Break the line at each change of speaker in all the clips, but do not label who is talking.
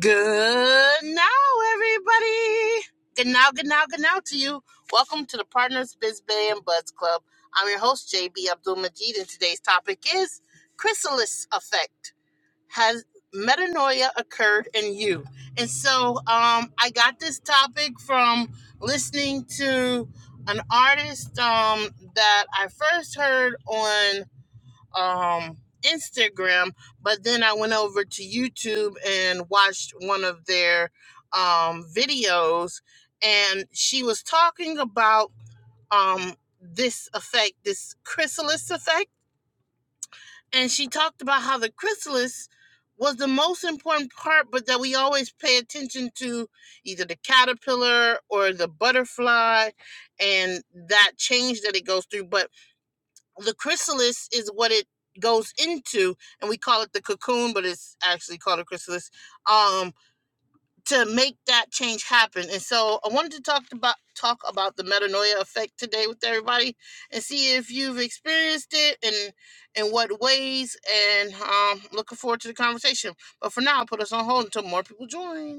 Good now, everybody. Good now, good now, good now to you. Welcome to the Partners Biz Bay and Buds Club. I'm your host, JB Abdul Majid, and today's topic is Chrysalis Effect. Has metanoia occurred in you? And so um, I got this topic from listening to an artist um, that I first heard on um Instagram, but then I went over to YouTube and watched one of their um videos and she was talking about um this effect, this chrysalis effect, and she talked about how the chrysalis was the most important part but that we always pay attention to either the caterpillar or the butterfly and that change that it goes through. But the chrysalis is what it goes into and we call it the cocoon but it's actually called a chrysalis um to make that change happen and so i wanted to talk about talk about the metanoia effect today with everybody and see if you've experienced it and in what ways and um looking forward to the conversation but for now I'll put us on hold until more people join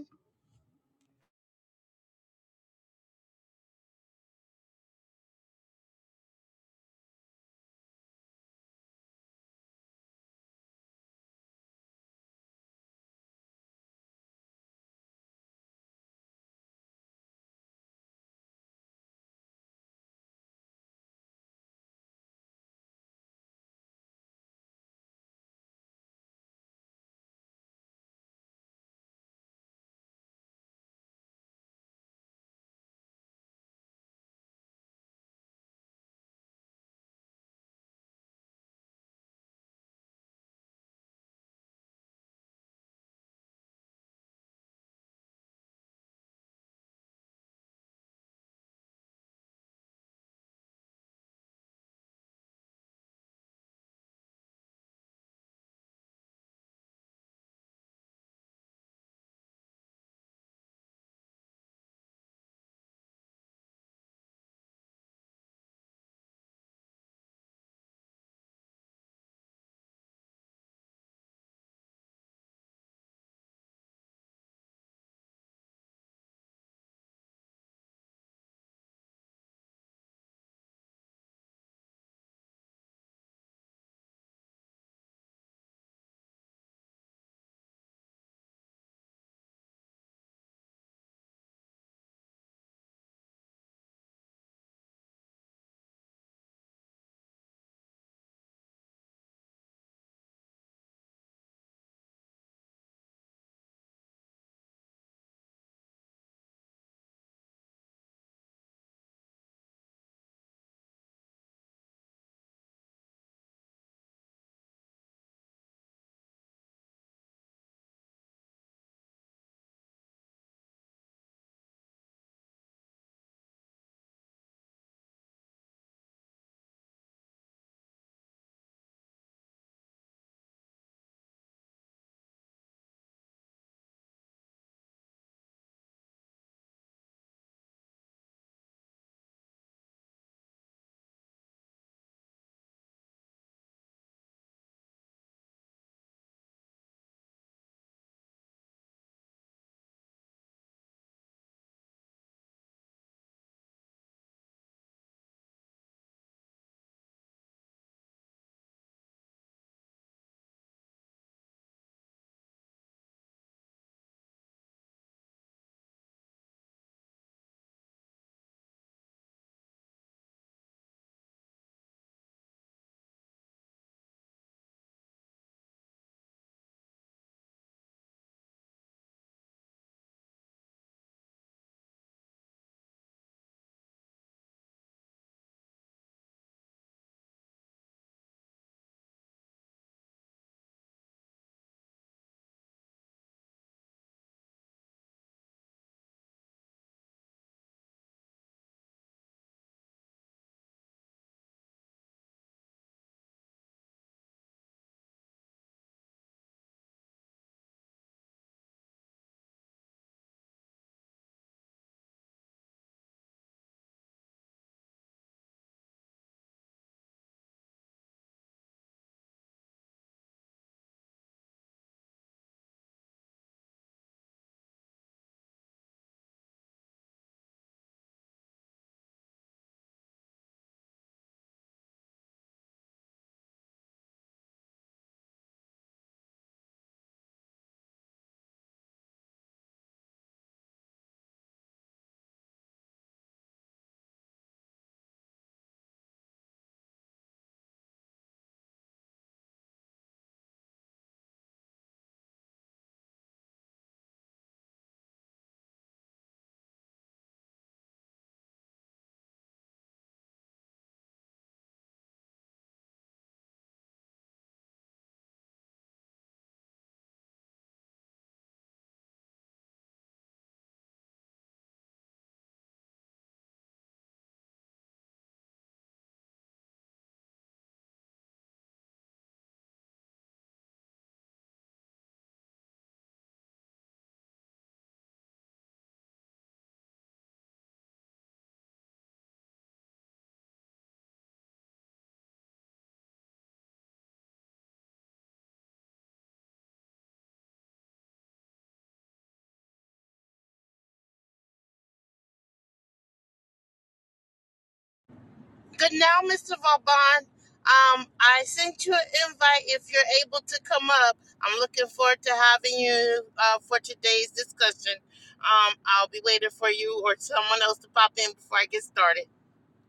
Good now, Mr. Vauban. Um, I sent you an invite if you're able to come up. I'm looking forward to having you uh, for today's discussion. Um, I'll be waiting for you or someone else to pop in before I get started.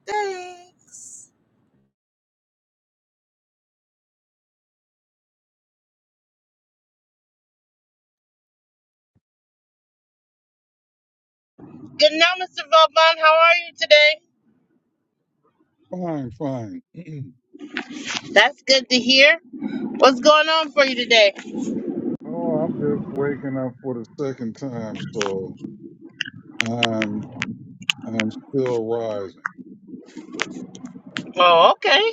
Thanks. Good now, Mr. Vauban. How are you today?
Fine, fine.
That's good to hear. What's going on for you today?
oh, I'm just waking up for the second time, so I'm I'm still rising.
Oh, okay.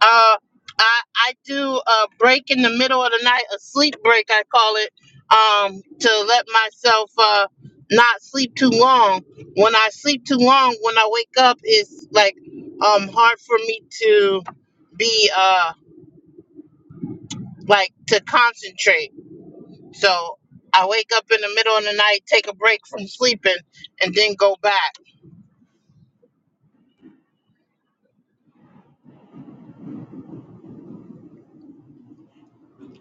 Uh, I I do a break in the middle of the night, a sleep break I call it, um, to let myself uh not sleep too long. When I sleep too long, when I wake up, it's like um hard for me to be uh like to concentrate. So I wake up in the middle of the night, take a break from sleeping, and then go back.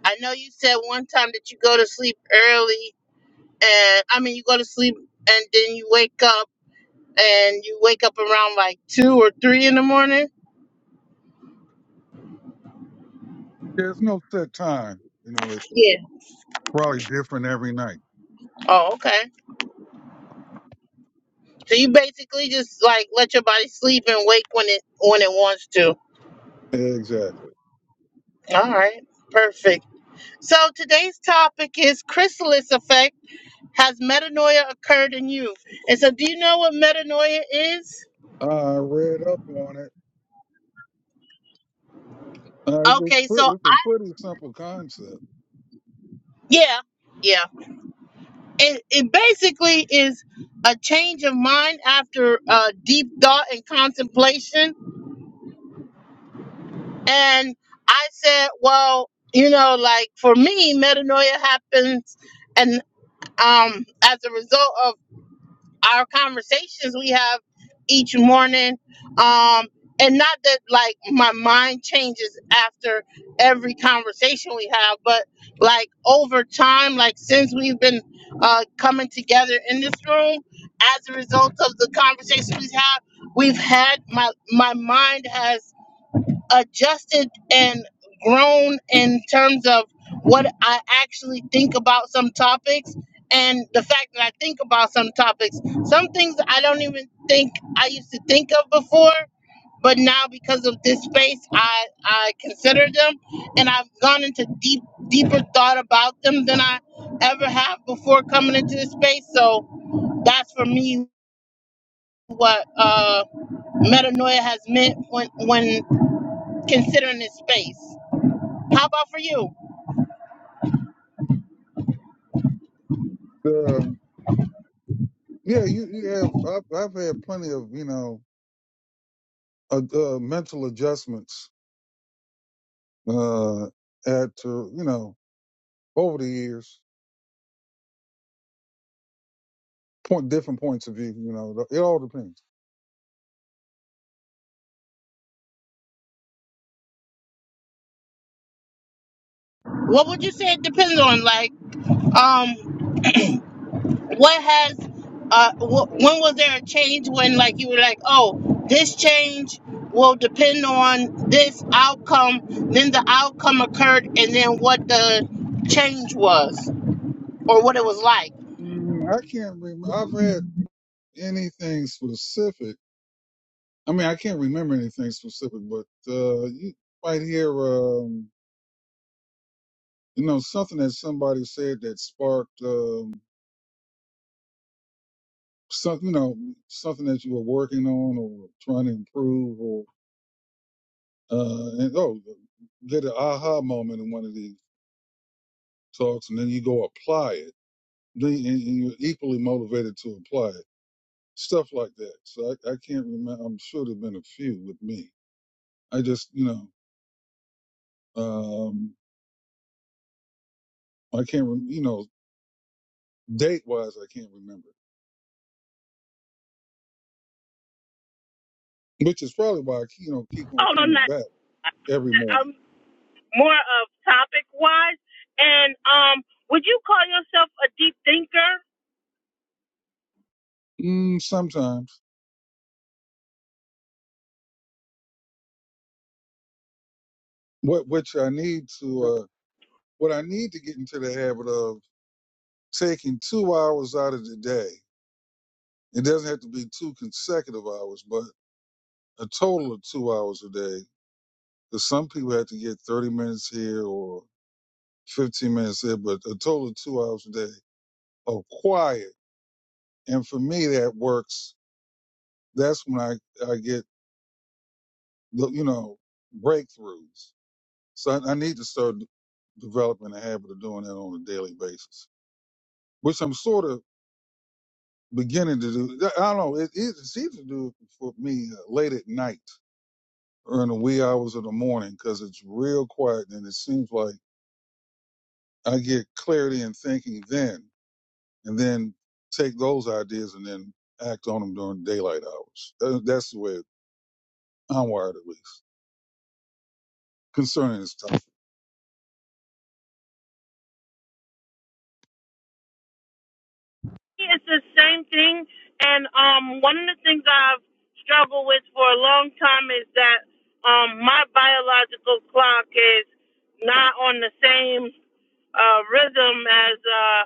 I know you said one time that you go to sleep early, and I mean you go to sleep and then you wake up and you wake up around like two or three in the morning.
There's no set time. You know, it's
Yeah.
probably different every night.
Oh, okay. So you basically just like let your body sleep and wake when it when it wants to.
Exactly.
All right. Perfect. So today's topic is chrysalis effect. Has metanoia occurred in you? And so do you know what metanoia is?
I read up on it. Uh, it's, a
Okay,
pretty,
so
it's a pretty simple concept.
yeah, yeah. It it basically is a change of mind after uh, deep thought and contemplation And I said, well, you know, like for me, metanoia happens, and um, as a result of our conversations we have each morning, um, and not that like my mind changes after every conversation we have, but like over time, like since we've been uh, coming together in this room, as a result of the conversations we have, we've had my my mind has adjusted and grown in terms of what I actually think about some topics and the fact that I think about some topics. Some things I don't even think I used to think of before, but now because of this space I I consider them and I've gone into deep deeper thought about them than I ever have before coming into this space. So that's for me what uh metanoia has meant when when considering this space. How about for you?
Um, yeah, you, you have. I've, I've had plenty of you know uh, uh, mental adjustments uh, at uh, you know over the years, point different points of view. You know, it all depends.
What would you say it depends on? Like, um, what has, uh, wh- when was there a change when like you were like, oh, this change will depend on this outcome. Then the outcome occurred, and then what the change was or what it was like.
Mm, I can't remember. I've read anything specific. I mean, I can't remember anything specific, but uh, you might hear, um, you know, something that somebody said that sparked um, something, you know, something that you were working on or trying to improve, or uh, and, oh, get an aha moment in one of these talks, and then you go apply it. Then you- and you're equally motivated to apply it. Stuff like that. So I, I can't remember. I'm sure there've been a few with me. I just, you know. Um, I can't, rem- you know, date wise, I can't remember, which is probably why I, you know, keep on
hold on
coming
that
back every morning.
um more of topic wise and um would you call yourself a deep thinker
Mm, sometimes what, which I need to, uh, what I need to get into the habit of taking two hours out of the day. It doesn't have to be two consecutive hours, but a total of two hours a day. Cause some people have to get 30 minutes here or 15 minutes there, but a total of two hours a day of quiet. And for me, that works. That's when I, I get look, you know, breakthroughs. So I, I need to start d- developing a habit of doing that on a daily basis, which I'm sort of beginning to do. I I don't know. It, it's easy to do for me uh, late at night or in the wee hours of the morning because it's real quiet and it seems like I get clarity in thinking then, and then take those ideas and then act on them during daylight hours. That, that's the way I'm wired, at least concerning this topic.
It's the same thing. And um, one of the things I've struggled with for a long time is that um, my biological clock is not on the same uh, rhythm as uh,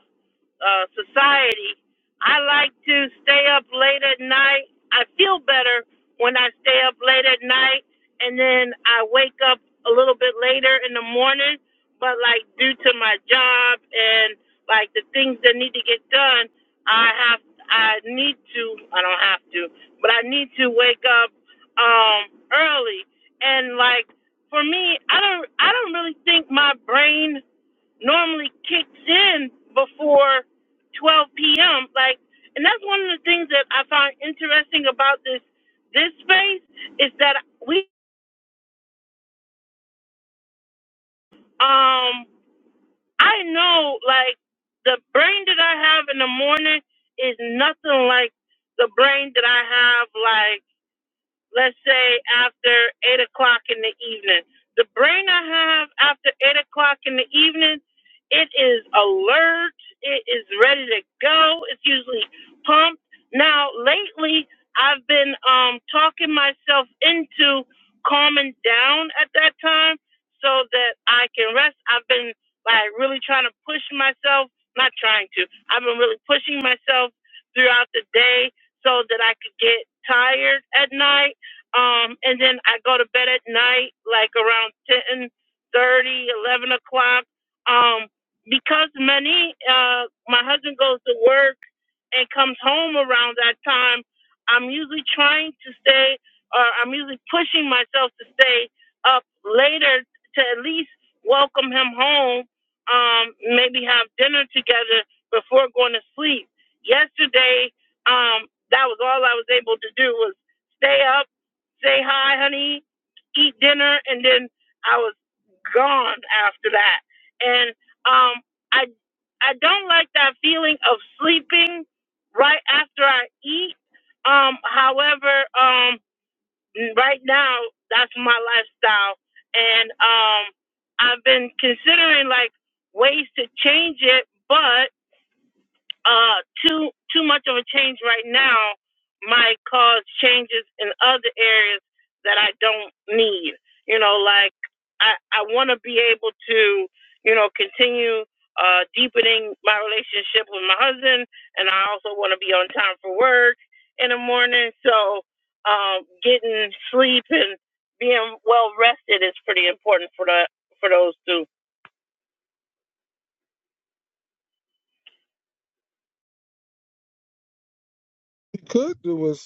uh, society. I like to stay up late at night. I feel better when I stay up late at night, and then I wake up a little bit later in the morning. But like due to my job and like the things that need to get done, I have I need to I don't have to, but I need to wake up um early and like for me I don't I don't really think my brain normally kicks in before 12 p.m. like and that's one of the things that I find interesting about this this space is that we um I know like the brain that I have in the morning is nothing like the brain that I have like let's say after eight o'clock in the evening. The brain I have after eight o'clock in the evening, it is alert, it is ready to go, it's usually pumped. Now lately I've been um talking myself into calming down at that time so that I can rest. I've been like really trying to push myself, not trying to. I've been really pushing myself throughout the day so that I could get tired at night um, and then I go to bed at night, like around 10 30, 11 o'clock. Um, because many, uh, my husband goes to work and comes home around that time, I'm usually trying to stay, or I'm usually pushing myself to stay up later to at least welcome him home, um, maybe have dinner together before going to sleep. Yesterday, um, that was all I was able to do was stay up say hi, honey, eat dinner, and then I was gone after that. And um, I I don't like that feeling of sleeping right after I eat. Um, however, um, right now that's my lifestyle, and um, I've been considering like ways to change it, but uh too too much of a change right now might cause changes in other areas that I don't need. You know, like I I want to be able to you know continue uh deepening my relationship with my husband, and I also want to be on time for work in the morning. So um, getting sleep and being well rested is pretty important for the for those two.
You could do it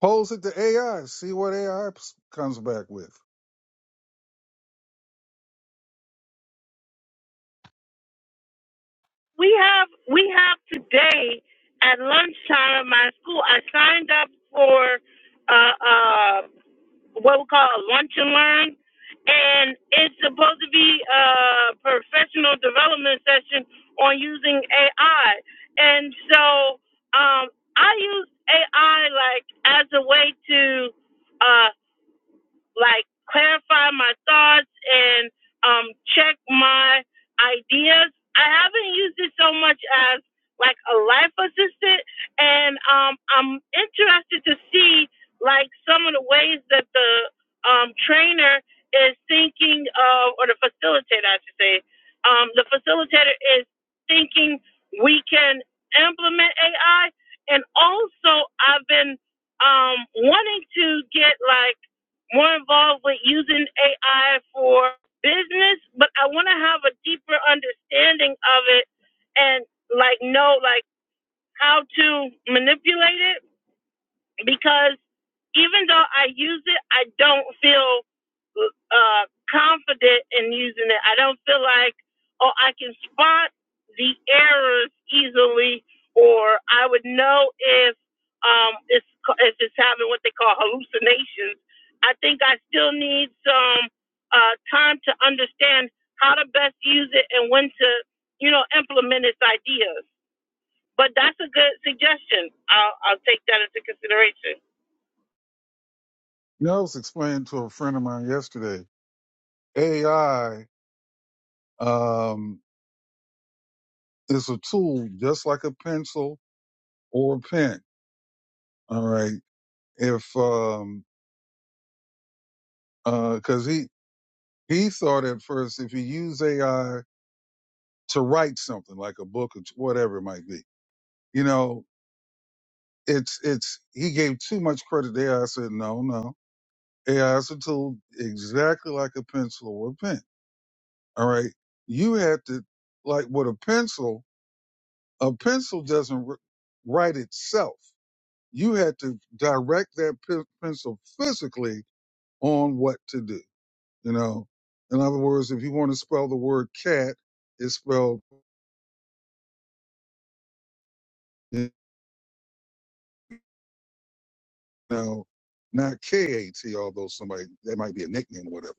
Pose it to AI, see what AI comes back with.
we have we have today at lunchtime at my school i signed up for uh uh what we call a lunch and learn and it's supposed to be a professional development session on using ai and so um i use ai like as a way to uh, like clarify my thoughts and um, check my ideas. I haven't used it so much as like a life assistant, and um, I'm interested to see like some of the ways that the um, trainer is thinking of, or the facilitator, I should say. Um, the facilitator is thinking we can implement AI, and also I've been um, wanting to get like more involved with using AI for business, but I want to have a deeper understanding of it and like know like how to manipulate it because even though I use it, I don't feel uh, confident in using it. I don't feel like, oh, I can spot the errors easily, or I would know if um, it's if it's having what they call hallucinations. I think I still need some uh, time to understand how to best use it and when to, you know, implement its ideas. But that's a good suggestion. I'll, I'll take that into consideration.
You know, I was explaining to a friend of mine yesterday, AI um, is a tool just like a pencil or a pen. All right. If, um, uh 'cause cause he, he thought at first if you use AI to write something like a book or t- whatever it might be, you know, it's, it's, he gave too much credit to AI. I I said, no, no. AI is a tool exactly like a pencil or a pen All right. You had to, like with a pencil, a pencil doesn't wr- write itself. You had to direct that pe- pencil physically on what to do. You know, in other words, if you want to spell the word cat, it's spelled, you know, not K A T, although somebody, that might be a nickname or whatever.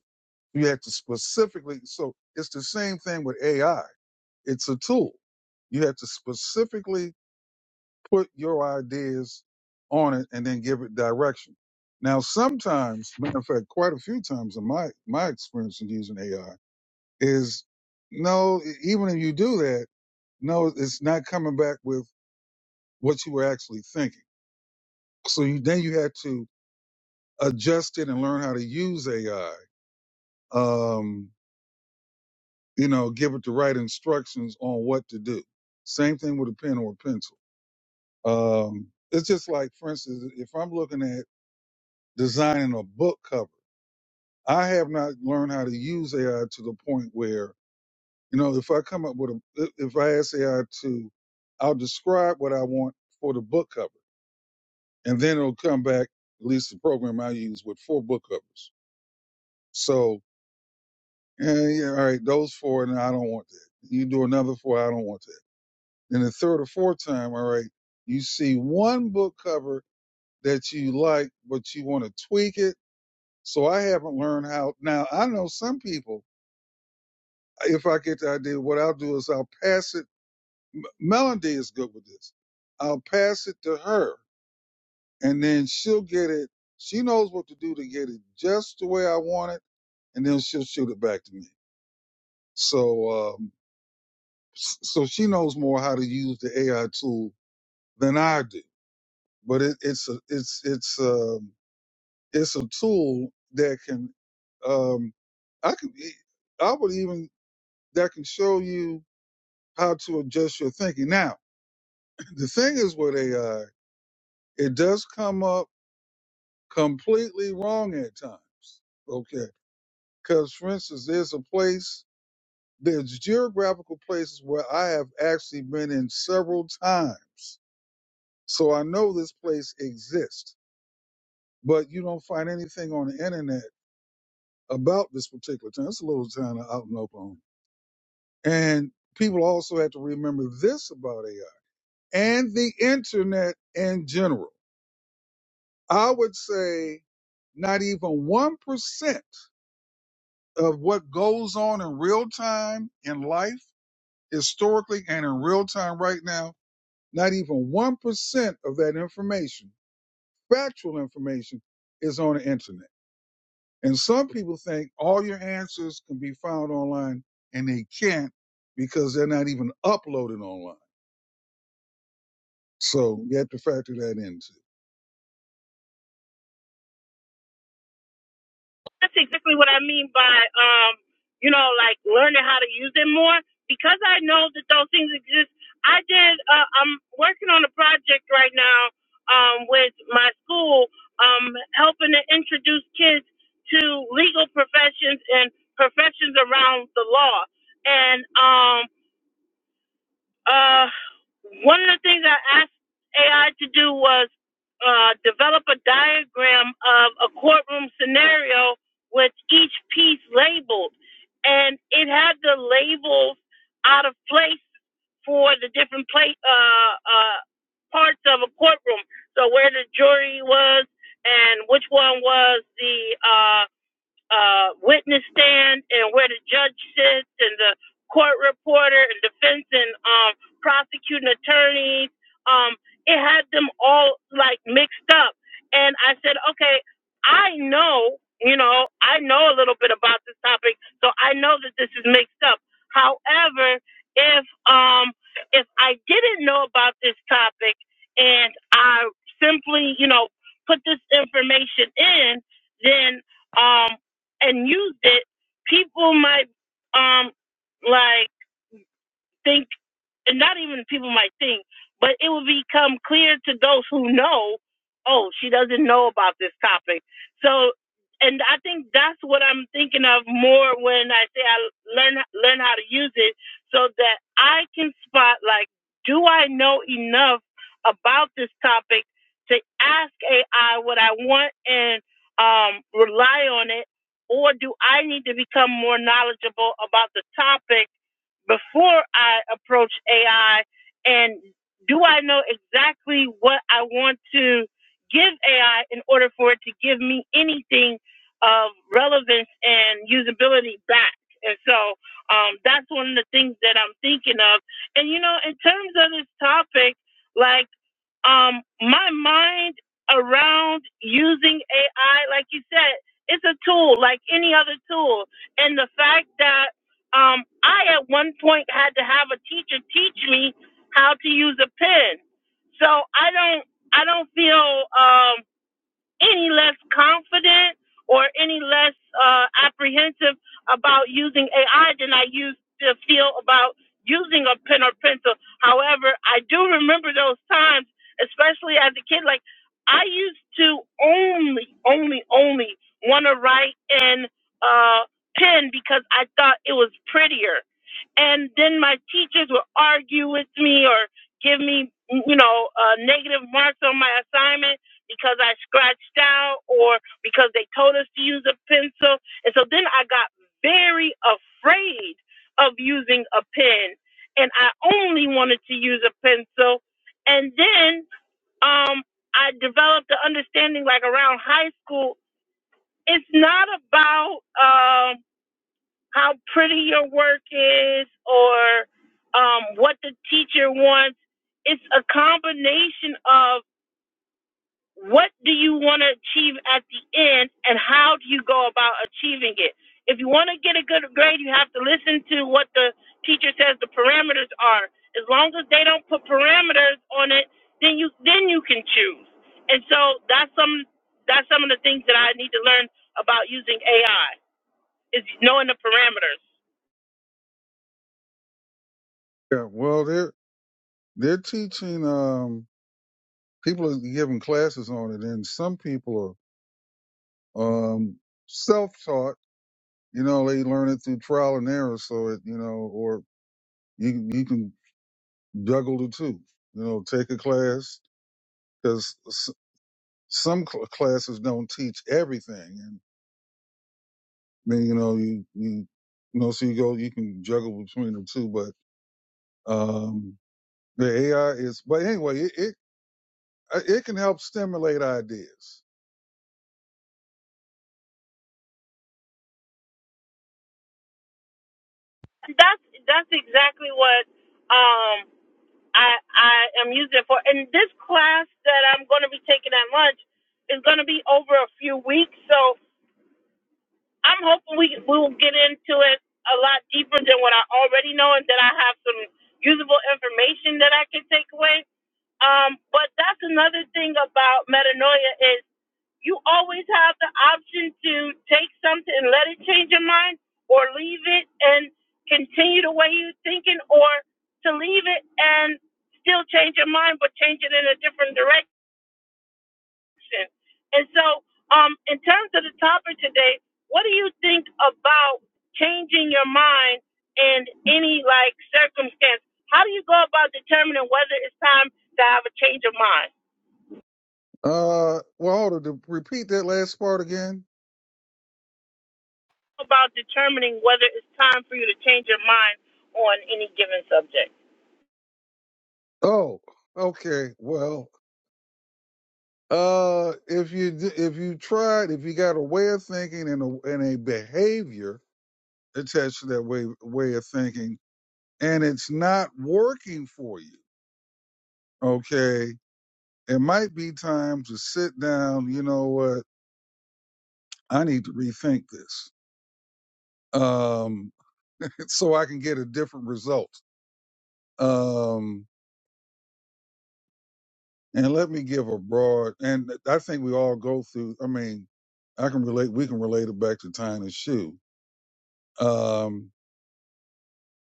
You have to specifically, so it's the same thing with AI. It's a tool. You have to specifically put your ideas on it and then give it direction. Now, sometimes, matter of fact, quite a few times in my, my experience in using AI is no, e- even if you do that, no, it's not coming back with what you were actually thinking. So you, then you had to adjust it and learn how to use AI. Um, you know, give it the right instructions on what to do. Same thing with a pen or a pencil. Um, it's just like, for instance, if I'm looking at designing a book cover. I have not learned how to use AI to the point where, you know, if I come up with a, if if I ask AI to, I'll describe what I want for the book cover, and then it'll come back, at least the program I use with four book covers. So, eh, yeah, all right, those four, and I don't want that. You do another four, I don't want that. Then the third or fourth time, all right, you see one book cover that you like, but you want to tweak it. So I haven't learned how. Now I know some people if I get the idea, what I'll do is I'll pass it. Melody is good with this. I'll pass it to her, and then she'll get it. She knows what to do to get it just the way I want it, and then she'll shoot it back to me. So, um, so she knows more how to use the AI tool than I do. But it, it's a, it's, it's, um, it's a tool that can, um, I can, I would even that can show you how to adjust your thinking. Now, The thing is with AI, it does come up completely wrong at times. Okay. Because, for instance, there's a place, there's geographical places where I have actually been in several times. So I know this place exists, but you don't find anything on the internet about this particular town. It's a little town out in Oklahoma. And people also have to remember this about AI and the internet in general. I would say Not even 1% of what goes on in real time in life, historically and in real time right now, not even 1% of that information, factual information, is on the internet. And some people think all your answers can be found online and they can't because they're not even uploaded online. So you have to factor that in too.
that's exactly what I mean by um, you know, like learning how to use it more. Because I know that those things exist. I did. Uh, I'm working on a project right now um, with my school, um, helping to introduce kids to legal professions and professions around the law. And um, uh, one of the things I asked AI to do was uh, develop a diagram of a courtroom scenario with each piece labeled, and it had the labels out of place for the different place uh, uh, parts of a courtroom. So where the jury was and which one was the uh, uh, witness stand and where the judge sits and the court reporter and defense and um, prosecuting attorneys. Um, it had them all like mixed up. And I said, okay, I know, you know, I know a little bit about this topic, so I know that this is mixed up. However, if um if I didn't know about this topic and I simply, you know, put this information in, then um, and used it, people might um like think, and not even people might think, but it will become clear to those who know, oh, she doesn't know about this topic. So, and I think that's what I'm thinking of more when I say I learn learn how to use it, so that I can spot like, do I know enough about this topic to ask AI what I want and um, rely on it, or do I need to become more knowledgeable about the topic? before I approach AI? And do I know exactly what I want to give AI in order for it to give me anything of relevance and usability back? And so um, that's one of the things that I'm thinking of. And, you know, in terms of this topic, like, um, my mind around using AI, like you said, it's a tool like any other tool. And the fact that um, I at one point had to have a teacher teach me how to use a pen, so I don't, I don't feel. Um, any less confident or any less uh, apprehensive about using AI than I used to feel about using a pen or pencil. However, I do remember those times, especially as a kid. Like I used to only, only, only want to write in uh, pen because I thought it was prettier and then my teachers would argue with me or give me you know uh, negative marks on my assignment because i scratched out or because they told us to use a pencil and so then i got very afraid of using a pen and i only wanted to use a pencil and then um i developed the understanding like around high school it's not about uh, how pretty your work is or um, what the teacher wants. It's a combination of what do you want to achieve at the end and how do you go about achieving it. If you want to get a good grade, you have to listen to what the teacher says the parameters are. As long as they don't put parameters on it, then you then you can choose. And so that's some that's some of the things that I need to learn about using AI is knowing the parameters.
Yeah, well, they're, they're teaching, um, people are giving classes on it and some people are um, self-taught. You know, they learn it through trial and error. So it, you know, or you you can juggle the two. You know, take a class because some cl- classes don't teach everything, and then you know you you you know so you go you can juggle between the two. But um, the AI is, but anyway, it it, uh, it can help stimulate ideas.
that's that's exactly what um I I am using it for. And this class that I'm going to be taking at lunch is going to be over a few weeks, so I'm hoping we we will get into it a lot deeper than what I already know, and that I have some usable information that I can take away. Um, but that's another thing about metanoia you always have the option to take something and let it change your mind or leave it and continue the way you're thinking or to leave it and still change your mind but change it in a different direction. And so, um, in terms of the topic today, what do you think about changing your mind in any like circumstance? How do you go about determining whether it's time to have a change of mind?
Uh, well, hold on, to repeat that last part again.
about determining whether it's time for you to change your mind on any given subject.
Oh, okay. Well, Uh, if you d- if you tried, if you got a way of thinking and a and a behavior attached to that way way of thinking, and it's not working for you, okay, it might be time to sit down. You know what? I need to rethink this, um, so I can get a different result. Um, and let me give a broad, and I think we all go through. I mean, I can relate. We can relate it back to tying a shoe. Um,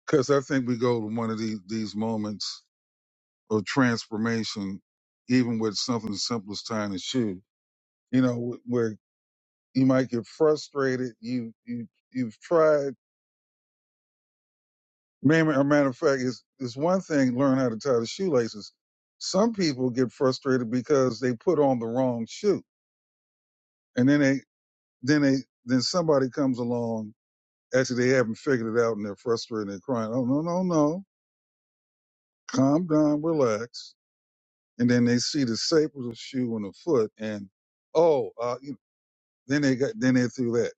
Because I think we go to one of these, these moments of transformation, even with something as simple as tying a shoe. You know, wh- where you might get frustrated. You you you've tried. Man, a matter of fact, it's it's one thing learn how to tie the shoelaces. Some people get frustrated because they put on the wrong shoe, and then they then they then somebody comes along after they haven't figured it out, and they're frustrated and they're crying. Oh no no no! Calm down, relax and then they see the staple of the shoe on the foot, and oh, uh, you then they got then they threw that.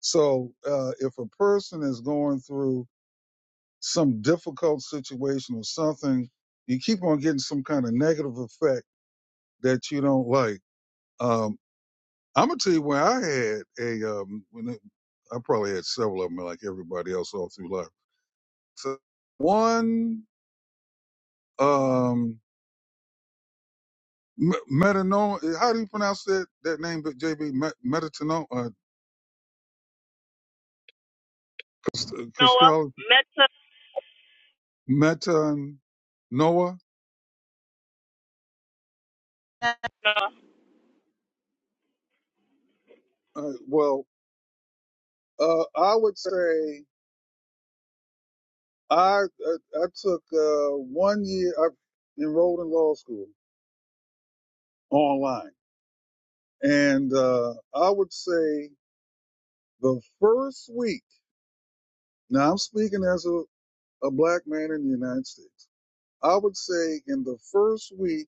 So uh, if a person is going through some difficult situation or something, you keep on getting some kind of negative effect that you don't like. Um, I'm gonna tell you where I had a um, when it, I probably had several of them like everybody else all through life. So one um, Metanol, eh, how do you pronounce that that name? But JB Metanol, uh,
Noah,
Caspell,
Meta,
Meta, and Noah.
Noah.
Uh, well, Uh, I would say I I, I took uh, one year. I enrolled in law school online, and uh, I would say the first week. Now I'm speaking as a, a black man in the United States. I would say in the first week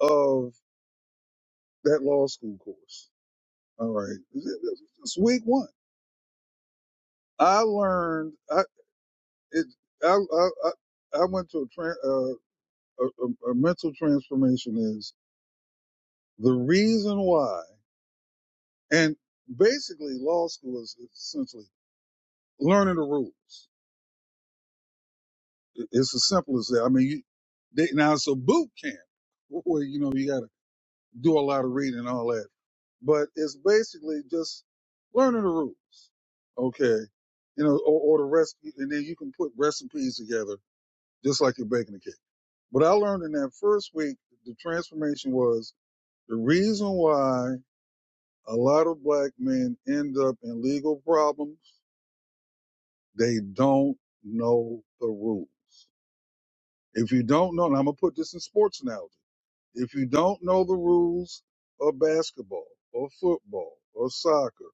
of that law school course. All right, it's week one. I learned. I, it, I, I, I I went to a, tran uh, a, a, a mental transformation is the reason why, and basically law school is essentially learning the rules. It- It's as simple as that. I mean, you, they, now it's a boot camp where, you know, you got to do a lot of reading and all that, but it's basically just learning the rules. Okay. You know, or, or the recipe, and then you can put recipes together just like you're baking a cake. What I learned in that first week, the transformation was the reason why a lot of black men end up in legal problems, they don't know the rules. If you don't know, and I'm going to put this in sports analogy, if you don't know the rules of basketball or football or soccer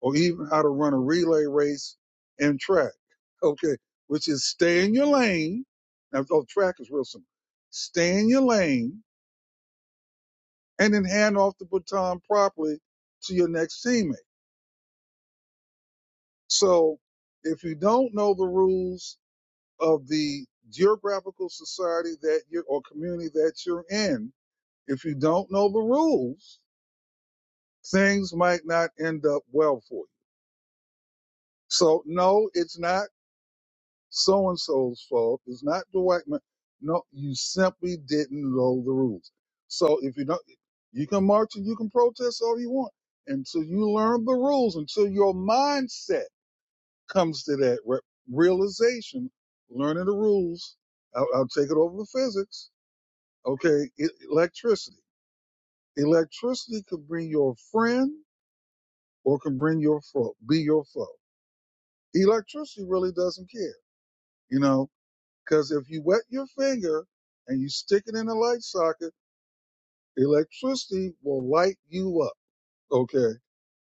or even how to run a relay race and track, okay, which is stay in your lane. Now, oh, track is real simple. Stay in your lane and then hand off the baton properly to your next teammate. So if you don't know the rules of the geographical society that you're or community that you're in, if you don't know the rules, things might not end up well for you. So no, it's not so and so's fault. It's not Dwight. Ma- No, you simply didn't know the rules. So if you don't, you can march and you can protest all you want until you learn the rules, until your mindset comes to that re- realization, learning the rules. I'll, I'll take it over to physics. Okay, e- electricity. Electricity could bring your friend or can bring your foe, be your foe. Electricity really doesn't care, you know, because if you wet your finger and you stick it in a light socket, electricity will light you up. Okay.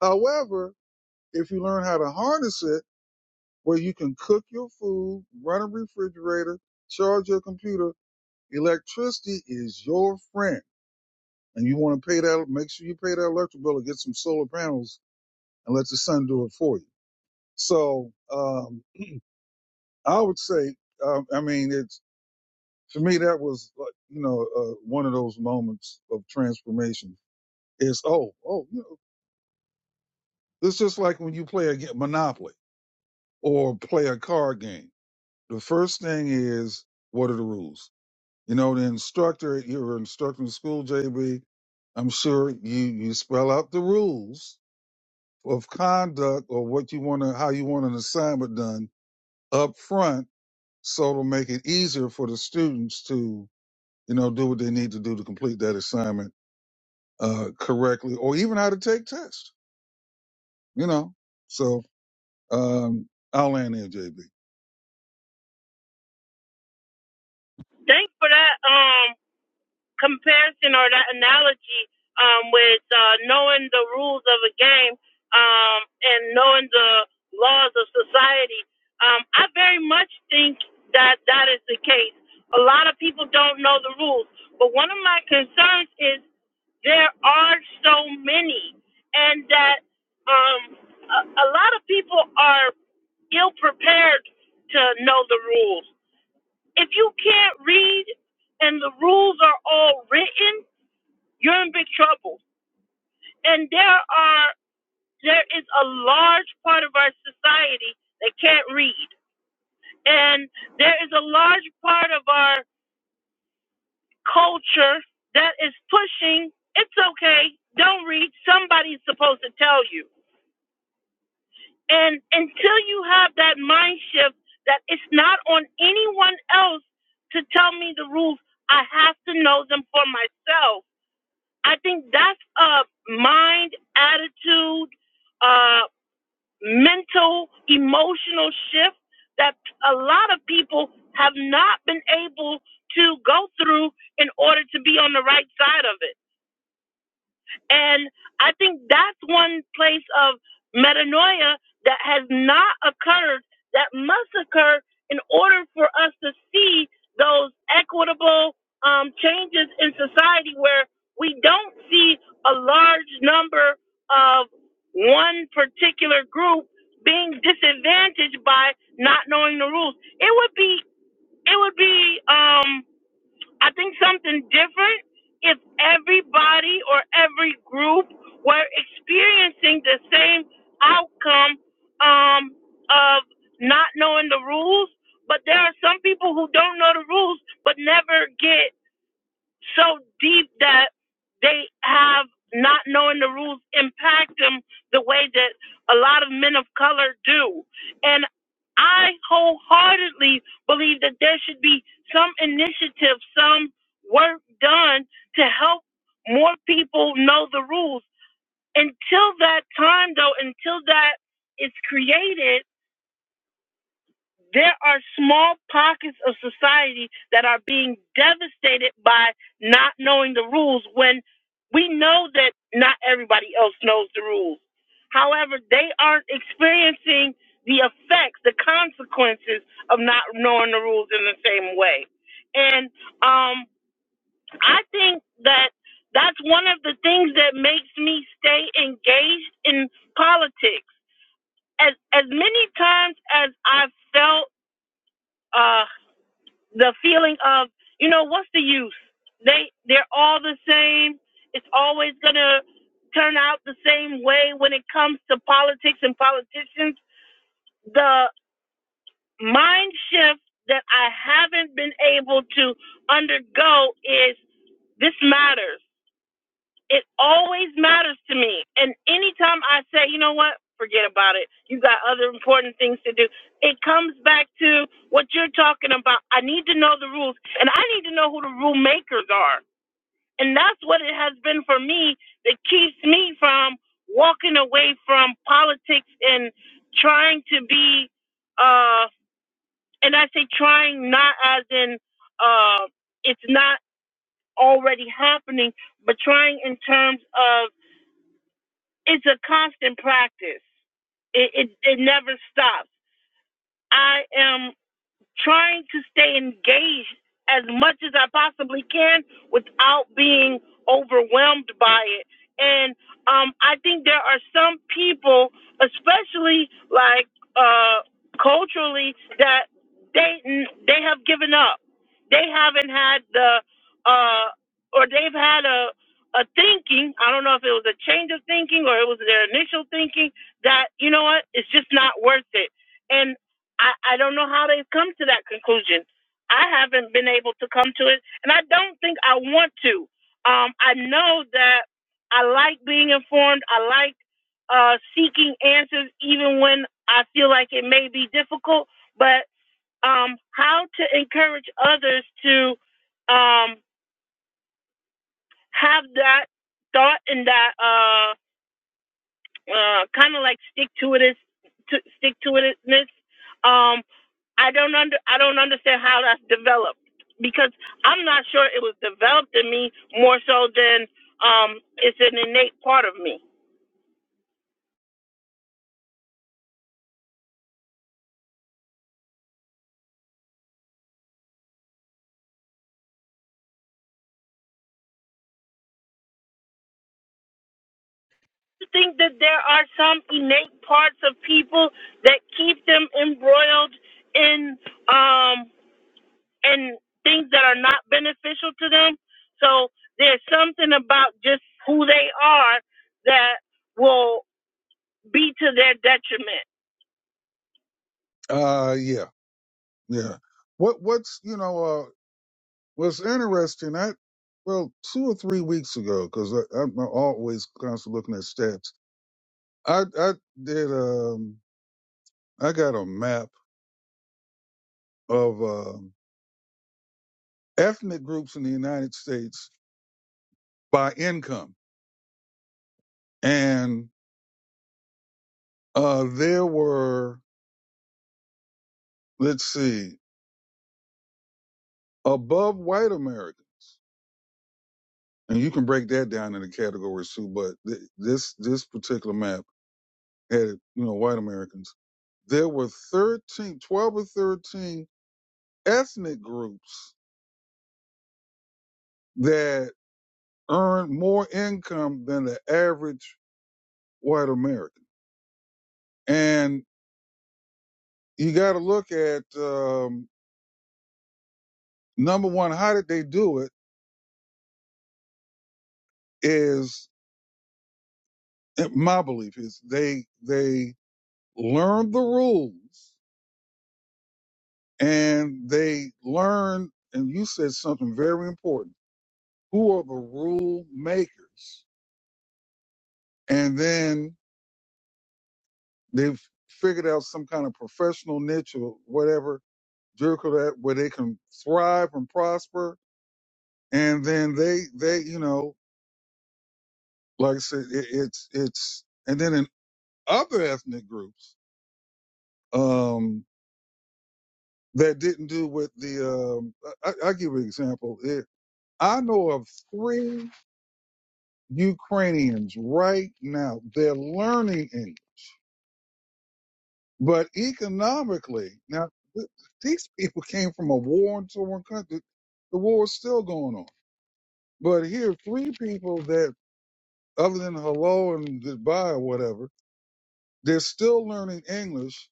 However, if you learn how to harness it, where you can cook your food, run a refrigerator, charge your computer, Electricity is your friend, and you want to pay that. Make sure you pay that electric bill and get some solar panels and let the sun do it for you. So um, I would say, um, I mean, it's for me that was like you know uh, one of those moments of transformation. Is oh oh you know it's just like when you play a game, Monopoly or play a card game. The first thing is what are the rules You know, the instructor, you were instructing school, JB. I'm sure you, you spell out the rules of conduct or what you want to, how you want an assignment done up front. So it'll make it easier for the students to, you know, do what they need to do to complete that assignment, uh, correctly or even how to take tests, you know? So, um, I'll land there, JB.
Thanks for that. Um. comparison or that analogy um, with uh, knowing the rules of a game um, and knowing the laws of society. Um, I very much think that that is the case. A lot of people don't know the rules, but one of my concerns is there are so many, and that um, a, a lot of people are ill prepared to know the rules. If you can't read and the rules are all written, you're in big trouble. And there are there is a large part of our society that can't read. And there is a large part of our culture that is pushing it's okay, don't read, somebody's supposed to tell you. And until you have that mind shift that it's not on anyone else to tell me the rules, I have to know them for myself I think that's a mind, attitude, uh, mental, emotional shift that a lot of people have not been able to go through in order to be on the right side of it. And I think that's one place of metanoia that has not occurred, that must occur in order for us to see those equitable um, changes in society where we don't see a large number of one particular group being disadvantaged by not knowing the rules. It would be, it would be, um, I think something different if everybody or every group were experiencing the same outcome um, of not knowing the rules. But there are some people who don't know the rules but never get so deep that they have not knowing the rules impact them the way that a lot of men of color do. And I wholeheartedly believe that there should be some initiative, some work done to help more people know the rules. Until that time, though, until that is created, there are small pockets of society that are being devastated by not knowing the rules when we know that not everybody else knows the rules. However, they aren't experiencing the effects, the consequences of not knowing the rules in the same way. And um, I think that that's one of the things that makes me stay engaged in politics. As as many times as I've felt uh, the feeling of you know what's the use they they're all the same it's always going to turn out the same way when it comes to politics and politicians the mind shift that i haven't been able to undergo is this matters it always matters to me. And anytime I say, you know what, forget about it. You got other important things to do. It comes back to what you're talking about. I need to know the rules and I need to know who the rule makers are. And that's what it has been for me that keeps me from walking away from politics and trying to be uh and I say trying not as in uh it's not already happening, but trying in terms of it's a constant practice. It, it it never stops. I am trying to stay engaged as much as I possibly can without being overwhelmed by it. And um, I think there are some people, especially like uh, culturally, that they they have given up. They haven't had the uh, or they've had a a thinking. I don't know if it was a change of thinking or it was their initial thinking that you know what, it's just not worth it and. I, I don't know how they've come to that conclusion. I haven't been able to come to it, and I don't think I want to. Um, I know that I like being informed. I like uh, seeking answers, even when I feel like it may be difficult. But um, how to encourage others to um, have that thought and that. Uh, uh, kind of like stick to it, stick to itness. Um, I don't under I don't understand how that's developed because I'm not sure it was developed in me more so than um, it's an innate part of me. I think that there are some innate parts of people that keep them embroiled in um, in things that are not beneficial to them. So there's something about just who they are that will be to their detriment.
Uh, yeah, yeah. What, what's, you know, uh, Well, it's interesting. I well, two or three weeks ago, because I'm always constantly looking at stats. I I did um I got a map of um, ethnic groups in the United States by income, and uh, there were let's see above white Americans, and you can break that down into categories too. But th- this this particular map had you know white Americans. There were 13, 12 or thirteen ethnic groups that earn more income than the average white American. And you got to look at um, number one, how did they do it? Is my belief is they they learned the rules and they learned. And you said something very important. Who are the rule makers? And then they've figured out some kind of professional niche or whatever Jericho that where they can thrive and prosper. And then they, they, you know, like I said, it, it's, it's, and then in other ethnic groups, um, that didn't do with the, um, I, I I'll give you an example. It, I know of three Ukrainians right now. They're learning English, but economically, now th- these people came from a war-torn country. The war is still going on. But here are three people that other than hello and goodbye or whatever, they're still learning English,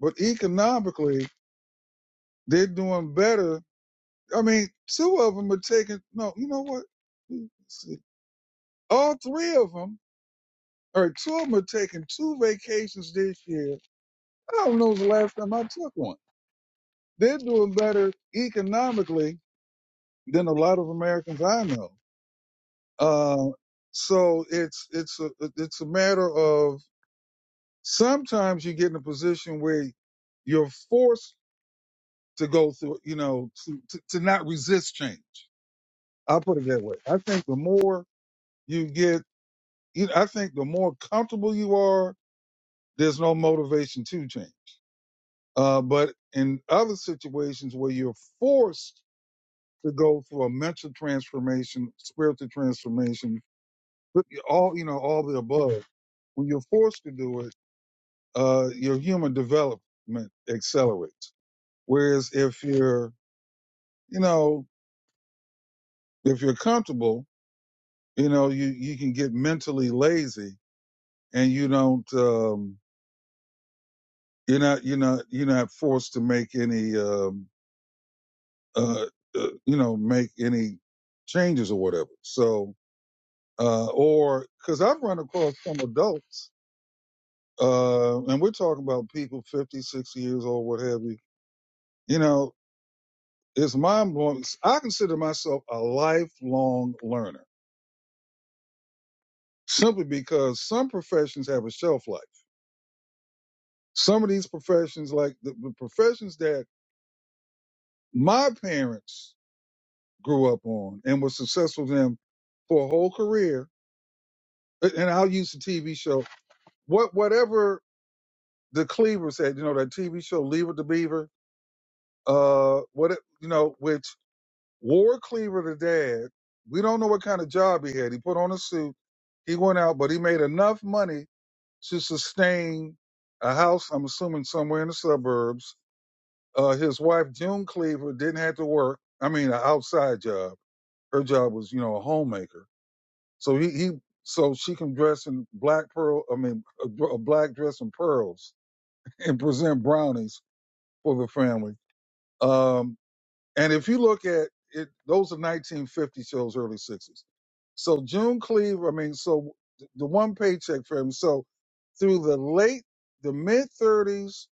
but economically, they're doing better. I mean, two of them are taking, no, you know what? Let's see. All three of them, or two of them are taking two vacations this year. I don't know the last time I took one. They're doing better economically than a lot of Americans I know. Uh, so it's, it's a, it's a matter of Sometimes you get in a position where you're forced to go through, you know, to, to, to not resist change. I'll put it that way. I think the more you get, you know, I think the more comfortable you are, there's no motivation to change. Uh, but in other situations where you're forced to go through a mental transformation, spiritual transformation, but all, you know, all the above, when you're forced to do it, uh, your human development accelerates. Whereas if you're, you know, if you're comfortable, you know, you, you can get mentally lazy and you don't, um, you're not, you're not, you're not forced to make any, um, uh, uh, you know, make any changes or whatever. So, uh, or cause I've run across some adults, uh, and we're talking about people 50, sixty years old, what have you, you know, it's mind blowing. I consider myself a lifelong learner simply because some professions have a shelf life. Some of these professions, like the, the professions that my parents grew up on and were successful in for a whole career, and I'll use the TV show, what whatever the Cleaver said, you know, that TV show *Leave It to Beaver, uh, what it- you know, which War Cleaver the dad, we don't know what kind of job he had. He put on a suit, he went out, but he made enough money to sustain a house, I'm assuming somewhere in the suburbs, Uh, his wife June Cleaver didn't have to work. I mean, an outside job. Her job was, you know, a homemaker. So he, he so she can dress in black pearl. I mean, a, dr- a black dress and pearls, and present brownies for the family. Um, and if you look at it, those are 1950 shows, early 60s. So June Cleaver. I mean, so th- the one paycheck for him. So through the late, the mid 30s,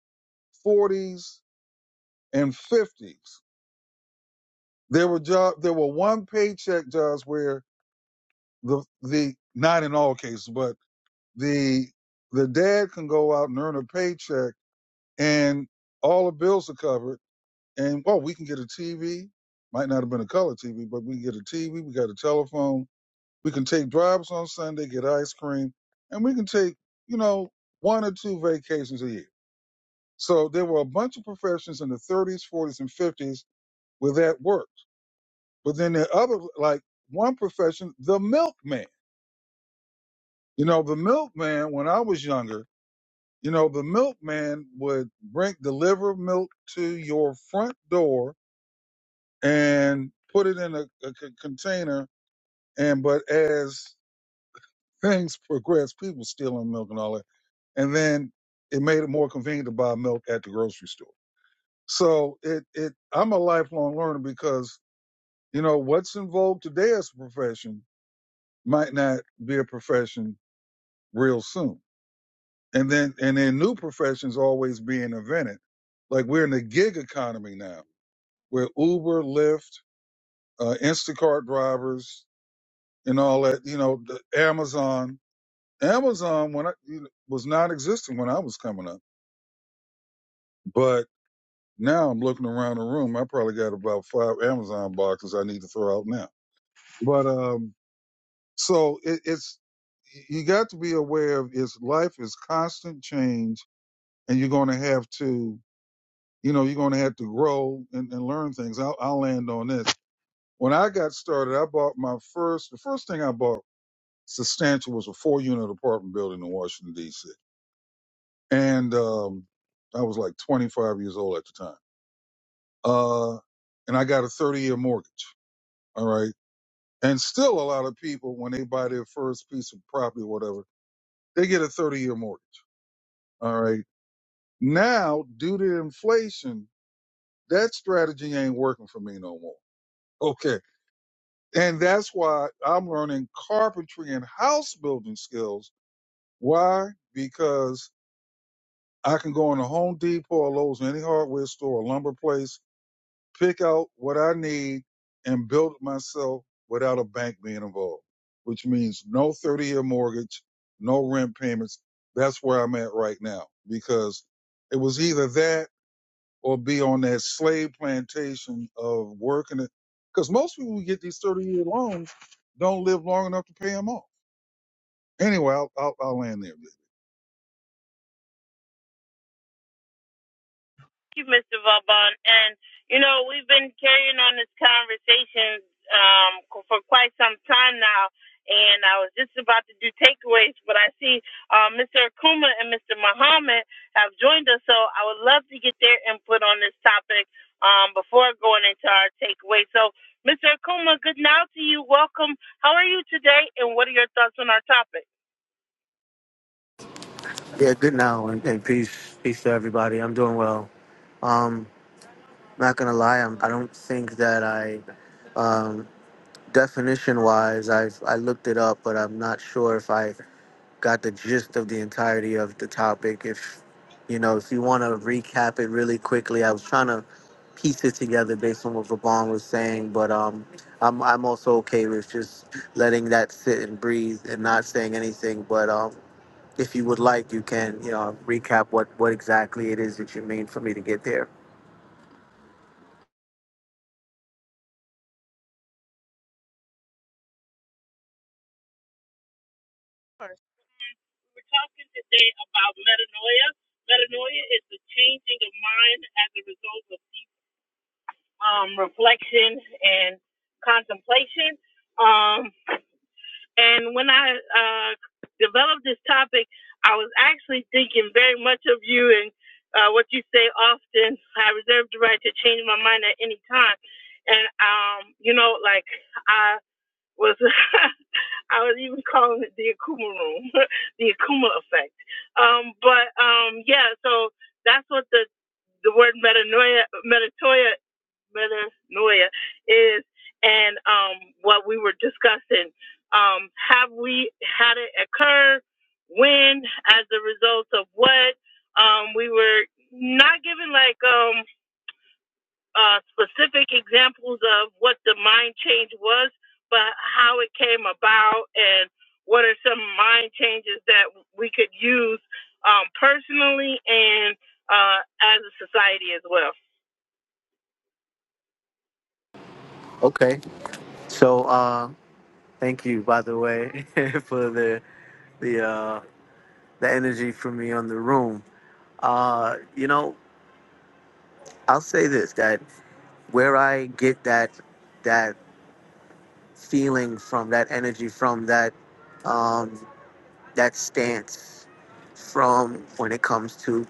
40s, and 50s There were job there were one paycheck jobs where the the not in all cases, but the the dad can go out and earn a paycheck and all the bills are covered and well we can get a TV. Might not have been a color TV, but we can get a TV, we got a telephone, we can take drives on Sunday, get ice cream, and we can take, you know, one or two vacations a year. So there were a bunch of professions in the thirties, forties, and fifties where that worked But then there are other, like one profession, the milkman. You know, the milkman, when I was younger, you know, the milkman would bring, deliver milk to your front door and put it in a, a c- container. And, but as things progressed, people stealing milk and all that. And then it made it more convenient to buy milk at the grocery store. So it, it, I'm a lifelong learner because, you know, what's in vogue today as a profession might not be a profession real soon. And then and then new professions always being invented. Like we're in the gig economy now, where Uber, Lyft, uh, Instacart drivers, and all that. You know, the Amazon. Amazon when I you know, was not existing when I was coming up, but now I'm looking around the room. I probably got about five Amazon boxes I need to throw out now. But um, so it, it's you got to be aware of is life is constant change, and you're going to have to you know, you're going to have to grow and, and learn things. I'll, I'll land on this. When I got started, I bought my first, the first thing I bought substantial was a four unit apartment building in Washington, D.C. And um, I was like 25 years old at the time. Uh, and I got a 30 year mortgage. All right. And still a lot of people, when they buy their first piece of property or whatever, they get a 30 year mortgage. All right. Now, due to inflation, that strategy ain't working for me no more. Okay And that's why I'm learning carpentry and house building skills. Why? Because I can go in a Home Depot or Lowe's, any hardware store, a lumber place, pick out what I need and build it myself without a bank being involved, which means no 30 year mortgage, no rent payments. That's where I'm at right now because it was either that or be on that slave plantation of working it. Because most people who get these 30 year loans don't live long enough to pay them off. Anyway, I'll, I'll, I'll land there.
Thank you, Mr. Vauban. And, you know, we've been carrying on this conversation um, for quite some time now. And I was just about to do takeaways, but I see uh, Mr. Akuma and Mr. Muhammad have joined us. So I would love to get their input on this topic um, before going into our takeaway. So, Mr. Akuma, good now to you. Welcome. How are you today? And what are your thoughts on our topic?
Yeah, good now and, and peace, peace to everybody. I'm doing well. Um, not gonna lie, I'm, I don't think that I, um, definition wise, I I looked it up, but I'm not sure if I got the gist of the entirety of the topic. If you know, if you want to recap it really quickly, I was trying to piece it together based on what Vaughn was saying, but um, I'm I'm also okay with just letting that sit and breathe and not saying anything. But um, if you would like, you can, you know, recap what, what exactly it is that you mean for me to get there.
We're talking today about metanoia. Metanoia is the changing of mind as a result of um, reflection and contemplation. Um, and when I uh, developed this topic, I was actually thinking very much of you and uh, what you say often. I reserve the right to change my mind at any time. And, um, you know, like I was. I was even calling it the Akuma room, the Akuma effect. Um, but um, yeah, so that's what the the word metanoia, metanoia, metanoia is, and um, what we were discussing. Um, have we had it occur? When? As a result of what? Um, we were not given like. um, uh, specific examples of what the mind change was, but how it came about and what are some mind changes that we could use um, personally and uh, as a society as well.
Okay. So, uh, thank you, by the way, for the the uh, the energy from me on the room. Uh, you know, I'll say this that where I get that that feeling from, that energy from, that um, that stance from when it comes to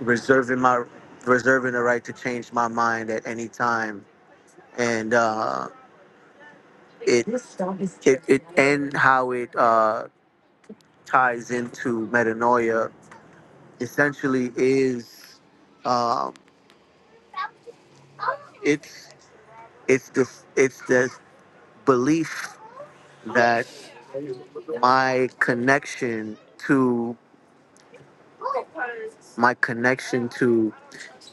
reserving my reserving the right to change my mind at any time and. uh, it it, it and how it uh, ties into metanoia essentially is um, it's it's the it's the belief that my connection to my connection to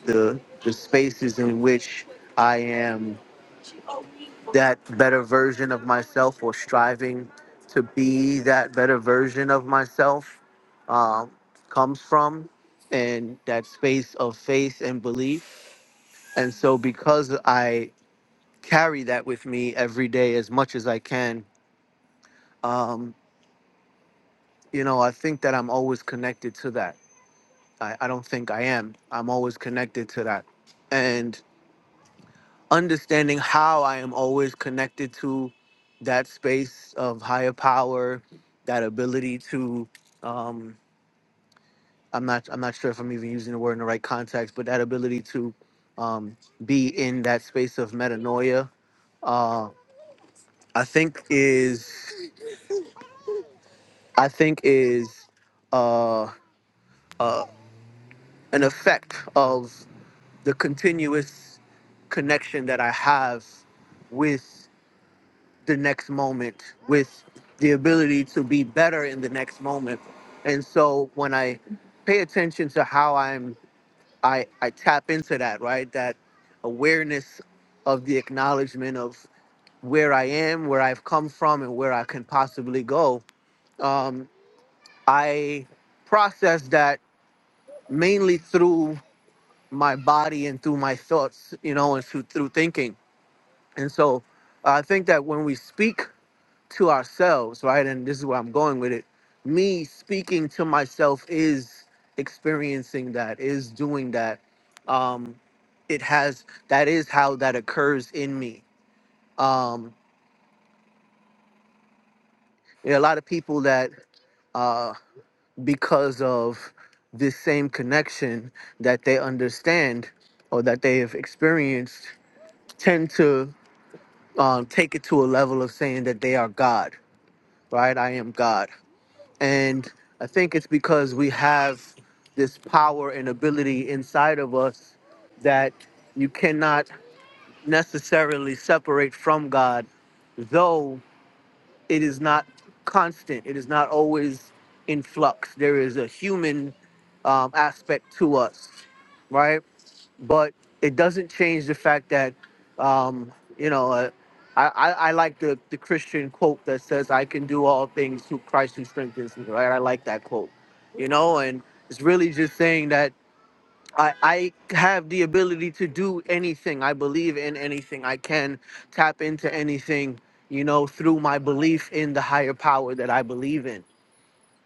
the the spaces in which I am that better version of myself or striving to be that better version of myself um, comes from and that space of faith and belief and so because i carry that with me every day as much as i can um, you know i think that i'm always connected to that I, I don't think i am i'm always connected to that and. understanding how I am always connected to that space of higher power, that ability to um, I'm not I'm not sure if I'm even using the word in the right context, but that ability to um, be in that space of metanoia, uh, I think is I think is uh, uh, an effect of the continuous connection that I have with the next moment with the ability to be better in the next moment and so when i pay attention to how i'm i i tap into that right that awareness of the acknowledgement of where i am where i've come from and where i can possibly go um, i process that mainly through my body and through my thoughts you know and through, through thinking and so i think that when we speak to ourselves, right? And this is where I'm going with it. Me speaking to myself is experiencing that, is doing that. Um, it has that is how that occurs in me. Um, there are a lot of people that uh, because of this same connection that they understand or that they have experienced tend to um, take it to a level of saying that they are God, right? I am God And I think it's because we have this power and ability inside of us that you cannot necessarily separate from God, though it is not constant, it is not always in flux. There is a human um, aspect to us, right? but it doesn't change the fact that um, you know uh, I, I, I like the, the Christian quote that says I can do all things through Christ who strengthens me right I like that quote you know and it's really just saying that I, I have the ability to do anything I believe in anything I can tap into anything you know through my belief in the higher power that I believe in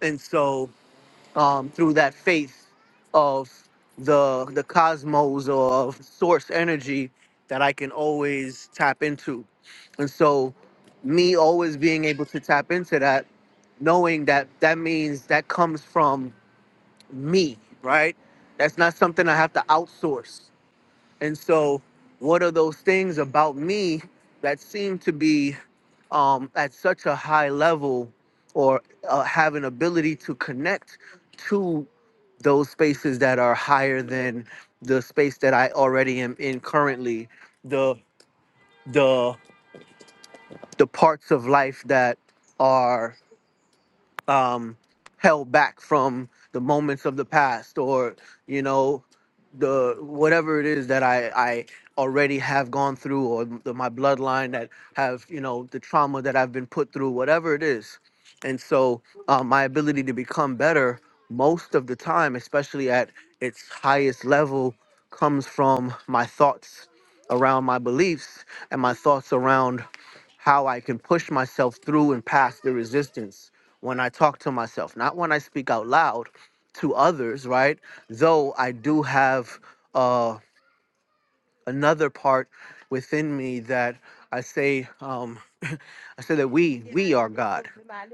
and so um, through that faith of the the cosmos or of source energy that I can always tap into. And so me always being able to tap into that, knowing that that means that comes from me, right? That's not something I have to outsource. And so, what are those things about me that seem to be um, at such a high level or uh, have an ability to connect to those spaces that are higher than the space that I already am in currently, the the the parts of life that are um, held back from the moments of the past or you know the whatever it is that I I already have gone through or the, my bloodline that have you know the trauma that I've been put through whatever it is and so um, my ability to become better most of the time especially at its highest level comes from my thoughts around my beliefs and my thoughts around how I can push myself through and past the resistance when I talk to myself, not when I speak out loud to others, right? Though I do have uh, another part within me that I say, um, I say that we we are God,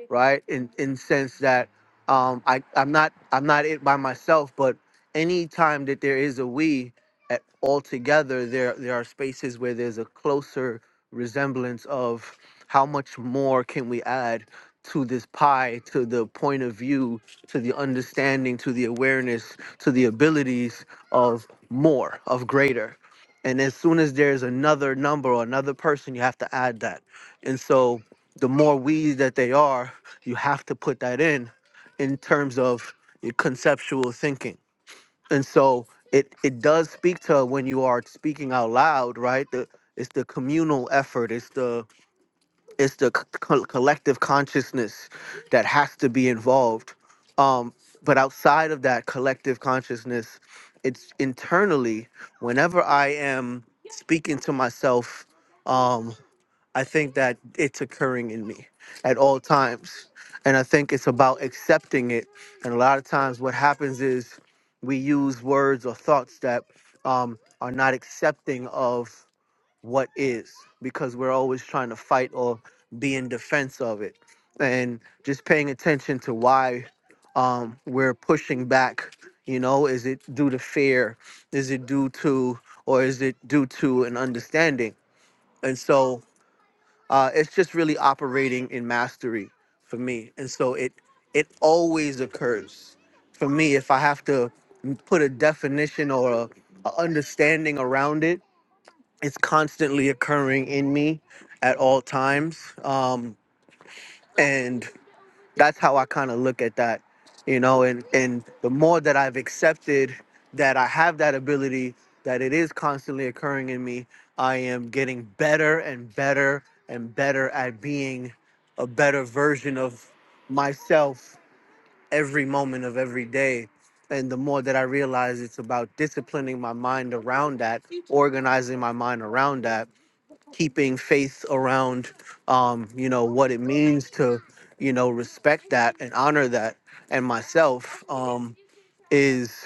right? In in sense that um, I I'm not I'm not it by myself, but any time that there is a we at all together, there there are spaces where there's a closer resemblance of how much more can we add to this pie, to the point of view, to the understanding, to the awareness, to the abilities of more, of greater and as soon as there's another number or another person you have to add that and so the more we that they are you have to put that in in terms of your conceptual thinking and so it it does speak to when you are speaking out loud right the, it's the communal effort it's the it's the c- co- collective consciousness that has to be involved um but outside of that collective consciousness it's internally whenever i am speaking to myself um i think that it's occurring in me at all times and i think it's about accepting it and a lot of times what happens is we use words or thoughts that um are not accepting of what is because we're always trying to fight or be in defense of it and just paying attention to why um, we're pushing back you know is it due to fear is it due to or is it due to an understanding and so uh, it's just really operating in mastery for me and so it it always occurs for me if i have to put a definition or a, a understanding around it it's constantly occurring in me at all times um and that's how i kind of look at that you know and and the more that i've accepted that i have that ability that it is constantly occurring in me i am getting better and better and better at being a better version of myself every moment of every day and the more that i realize it's about disciplining my mind around that organizing my mind around that keeping faith around um you know what it means to you know respect that and honor that and myself um is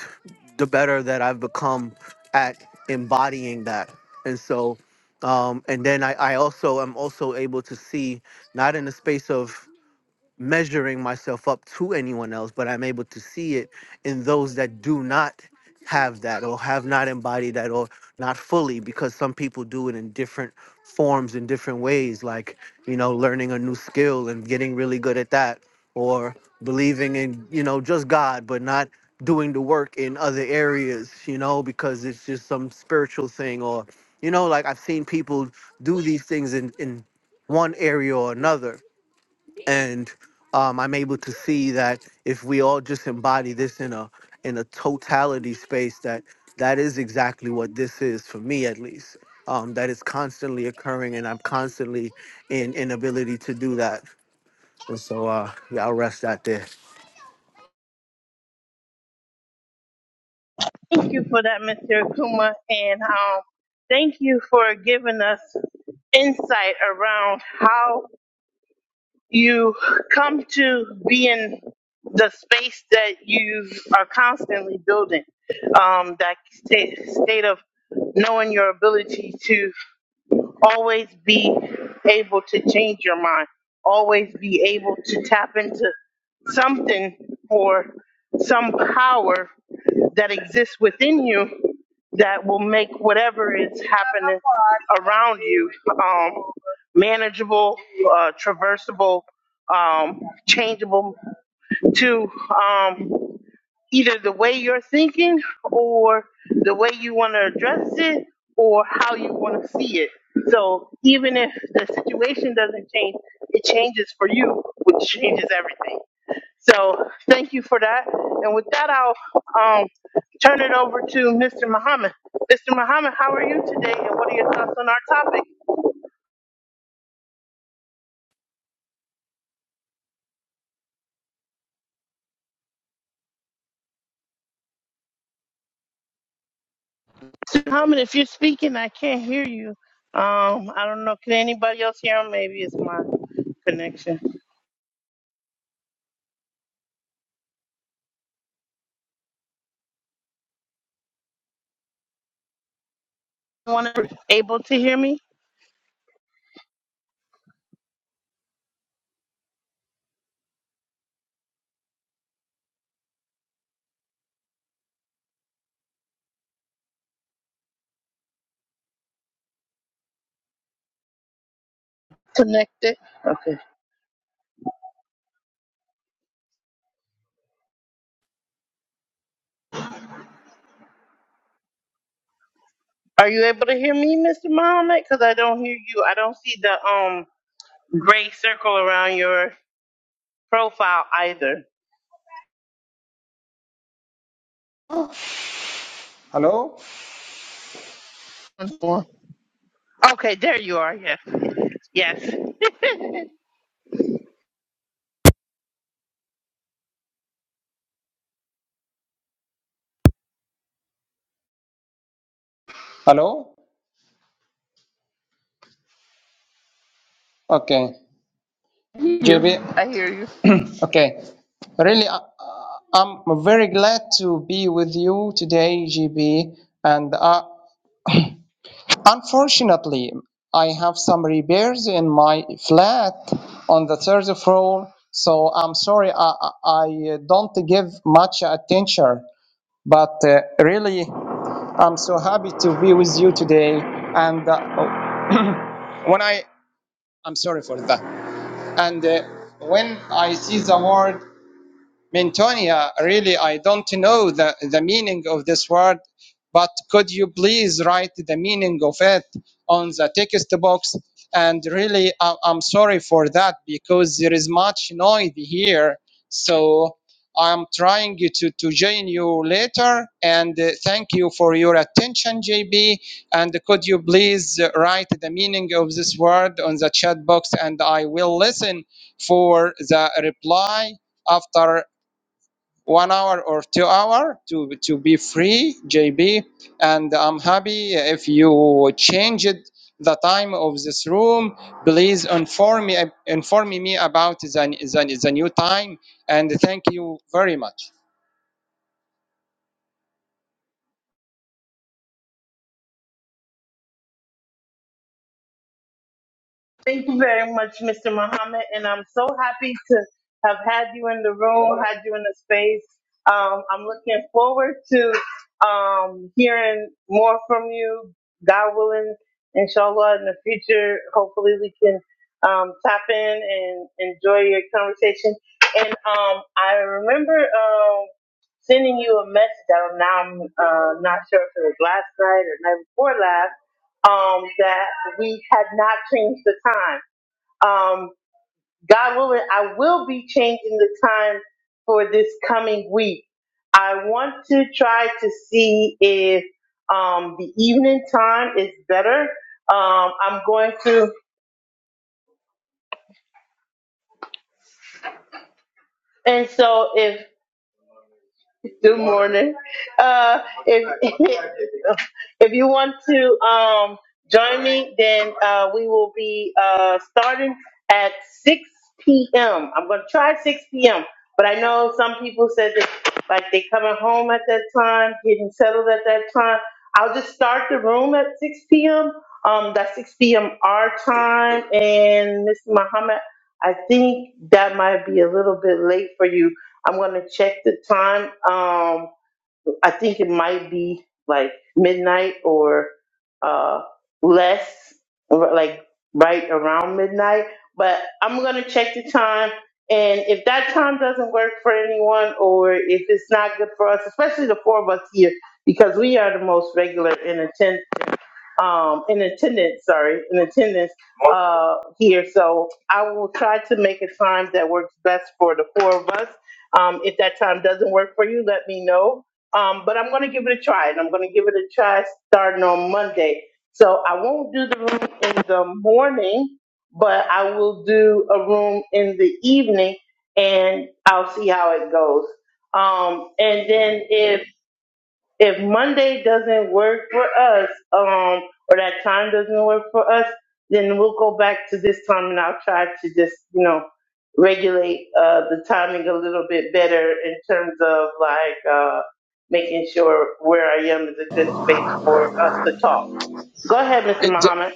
the better that i've become at embodying that and so um and then i i also am also able to see not in the space of measuring myself up to anyone else, but I'm able to see it in those that do not have that or have not embodied that or not fully because some people do it in different forms in different ways like you know learning a new skill and getting really good at that or believing in you know just god but not doing the work in other areas you know because it's just some spiritual thing or you know like i've seen people do these things in in one area or another and um, I'm able to see that if we all just embody this in a in a totality space, that that is exactly what this is for me, at least. Um, that is constantly occurring, and I'm constantly in inability to do that. And so, uh, yeah, I'll rest that there.
And um, thank you for giving us insight around how you come to be in the space that you are constantly building. Um, that state, state of knowing your ability to always be able to change your mind, always be able to tap into something or some power that exists within you that will make whatever is happening around you um, manageable, uh, traversable, um, changeable to. Um, either the way you're thinking or the way you want to address it or how you want to see it. So even if the situation doesn't change, it changes for you, which changes everything. So thank you for that. And with that, I'll um, turn it over to Mr. Muhammad. Mr. Muhammad, how are you today and what are your thoughts on our topic? Mr. Muhammad, if you're speaking, I can't hear you. Um, I don't know. Can anybody else hear him? Maybe it's my connection. Anyone able to hear me? Connected. Okay. Are you able to hear me, Mr. Muhammad? Because I don't hear you. I don't see the um gray circle around your profile either.
Hello?
Okay, there you are. Yes.
Hello? Okay.
You.
JB.
I hear you.
Okay. Really, uh, uh, I'm very glad to be with you today, JB. And uh, unfortunately, I have some repairs in my flat on the third floor. So I'm sorry, I, I I don't give much attention. But uh, really, I'm so happy to be with you today. And uh, when I, I'm sorry for that. And uh, when I see the word Mintonia, really, I don't know the, the meaning of this word, but could you please write the meaning of it on the text box? And really, I, I'm sorry for that because there is much noise here. So I'm trying to, to join you later. And uh, thank you for your attention, JB. And could you please uh, write the meaning of this word on the chat box? And I will listen for the reply after one hour or two hour to to be free jb and i'm happy if you change it the time of this room please inform me inform me about the, the, the new time and thank you very much
Thank you very much, Mr. Muhammad, and I'm so happy to have had you in the room, had you in the space. Um, I'm looking forward to um, hearing more from you, God willing, inshallah, in the future. Hopefully, we can um, tap in and enjoy your conversation. And um, I remember um, sending you a message. I now I'm uh, not sure if it was last night or night before last um, that we had not changed the time. Um, God willing, I will be changing the time for this coming week. I want to try to see if um, the evening time is better. Um, I'm going to, and so if Good morning. Uh, if if you want to um, join me, then uh, we will be uh, starting at 6 p.m. I'm going to try 6 p.m. But I know some people said that like they coming home at that time, getting settled at that time. I'll just start the room at 6 p.m. Um, that's 6 p.m. our time, and Mr. Muhammad, I think that might be a little bit late for you. I'm gonna check the time. Um, I think it might be like midnight or uh less, or, like right around midnight. But I'm gonna check the time, and if that time doesn't work for anyone, or if it's not good for us, especially the four of us here, because we are the most regular in attendance um, in attendance, sorry, in attendance uh, here. So I will try to make a time that works best for the four of us. Um, if that time doesn't work for you, let me know. Um, but I'm going to give it a try, and I'm going to give it a try starting on Monday. So I won't do the room in the morning, but I will do a room in the evening, and I'll see how it goes. Um, and then if if Monday doesn't work for us, um, or that time doesn't work for us, then we'll go back to this time and I'll try to just, you know, regulate uh, the timing a little bit better in terms of like uh, making sure where I am is a good space for us to talk. Go ahead, Mr. Muhammad,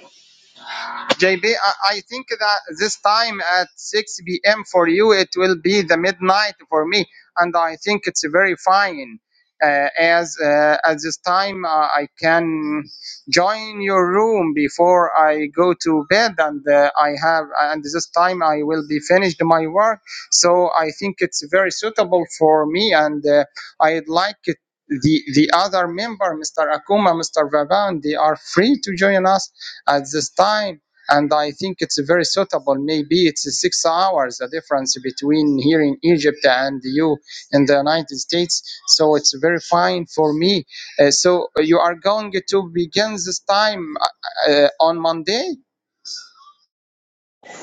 JB, I, I think that this time at 6 p.m. for you, it will be the midnight for me, and I think it's very fine. Uh, as uh, at this time, uh, I can join your room before I go to bed, and uh, I have, and this time I will be finished my work. So I think it's very suitable for me, and uh, I'd like it. The, the other member, Mr. Akuma, Mr. Vaban, they are free to join us at this time and I think it's very suitable. Maybe it's six hours the difference between here in Egypt and you in the United States, so it's very fine for me. Uh, so you are going to begin this time uh, uh, on Monday?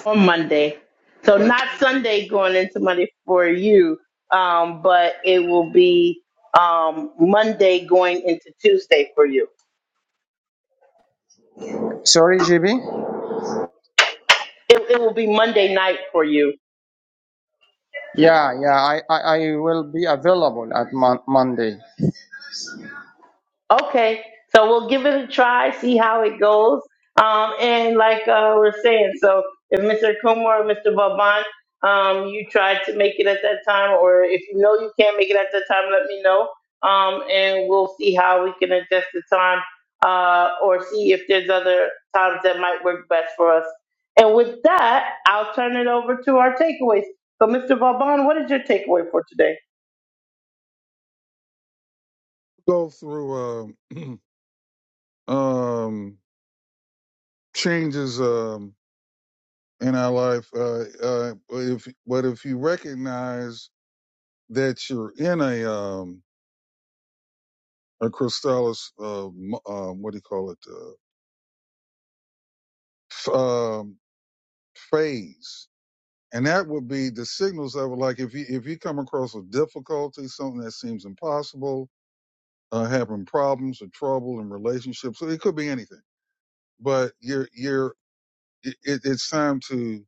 on Monday. So not Sunday going into Monday for you, um, but it will be um, Monday going into Tuesday for you.
Sorry, GB.
It, it will be Monday night for you.
Yeah, yeah, I, I, I will be available at mon- Monday.
Okay. So we'll give it a try, see how it goes. Um, and like uh, we're saying, so if Mr. Kumar or Mr. Vaban, um, you try to make it at that time, or if you know you can't make it at that time, let me know. Um, and we'll see how we can adjust the time uh, or see if there's other times that might work best for us. And with that, I'll turn it over to our takeaways. So, Mr. Vaban, what is your takeaway for today?
Go through um, um, changes um, in our life. Uh, uh, but if But if you recognize that you're in a, um, a Crystallis, uh, m- uh, what do you call it, uh, f- um, phase, and that would be the signals of like if you if you come across a difficulty, something that seems impossible, uh, having problems or trouble in relationships. So it could be anything, but you're you're it, it's time to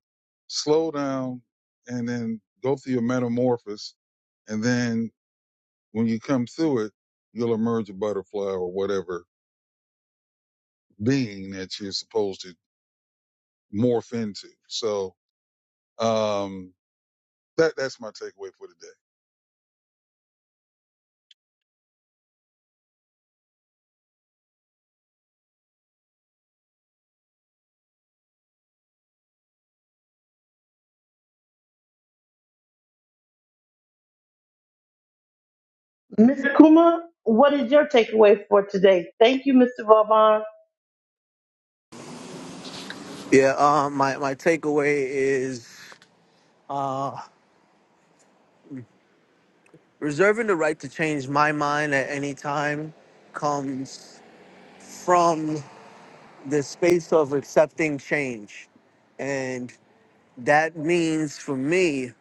slow down and then go through your metamorphosis, and then when you come through it, you'll emerge a butterfly or whatever being that you're supposed to morph into. So um, that that's my takeaway for today.
Mr. Kuma, what is your takeaway for today? Thank you, Mr. Vauban.
Yeah, um, my my takeaway is reserving the right to change my mind at any time comes from the space of accepting change, and that means for me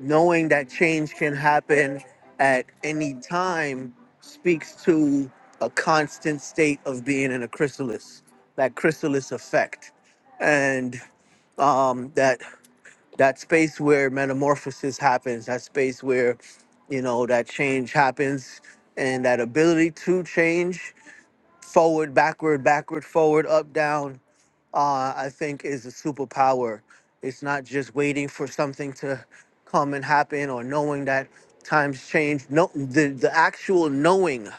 knowing that change can happen at any time speaks to a constant state of being in a chrysalis that chrysalis effect and um that that space where metamorphosis happens that space where you know that change happens and that ability to change forward backward backward forward up down uh, I think is a superpower. It's not just waiting for something to come and happen or knowing that times change. No, the, the actual knowing,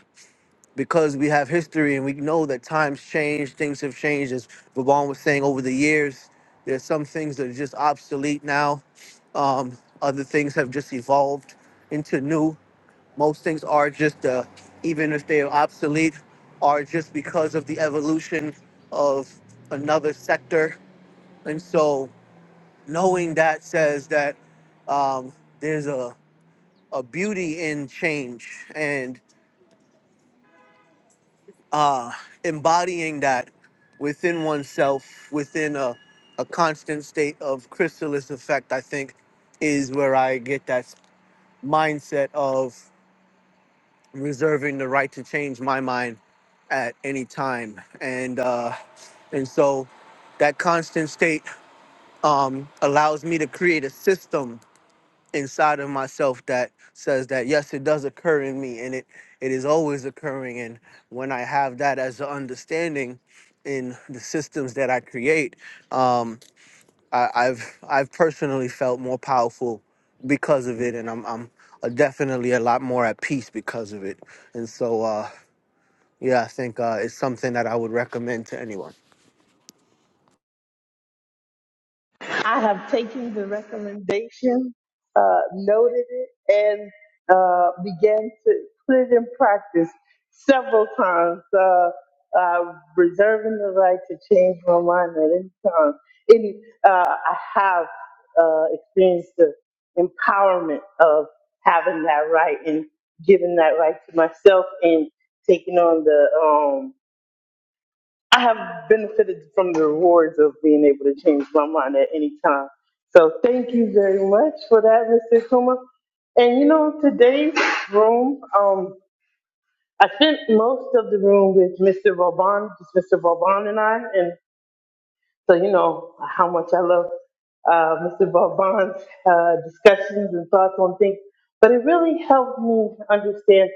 because we have history and we know that times change, things have changed. As Vaughn was saying over the years, there's some things that are just obsolete now. Um, other things have just evolved into new. Most things are just, uh, even if they are obsolete, are just because of the evolution of another sector and so knowing that says that um, there's a, a beauty in change and uh, embodying that within oneself, within a, a constant state of chrysalis effect, I think is where I get that mindset of reserving the right to change my mind at any time. And, uh, and so that constant state um, allows me to create a system inside of myself that says that yes it does occur in me and it it is always occurring and when i have that as an understanding in the systems that i create um I, i've i've personally felt more powerful because of it and i'm i'm uh, definitely a lot more at peace because of it and so uh yeah i think uh it's something that i would recommend to anyone
I have taken the recommendation, uh, noted it, and uh, began to put it in practice several times, uh, uh, reserving the right to change my mind at any time. Any, uh, I have uh, experienced the empowerment of having that right and giving that right to myself and taking on the um, I have benefited from the rewards of being able to change my mind at any time. So thank you very much for that, Mr. Kuma. And you know, today's room, um, I spent most of the room with Mr. Vauban, just Mr. Vauban and I. And so you know how much I love uh, Mr. Vauban's uh, discussions and thoughts on things. But it really helped me understand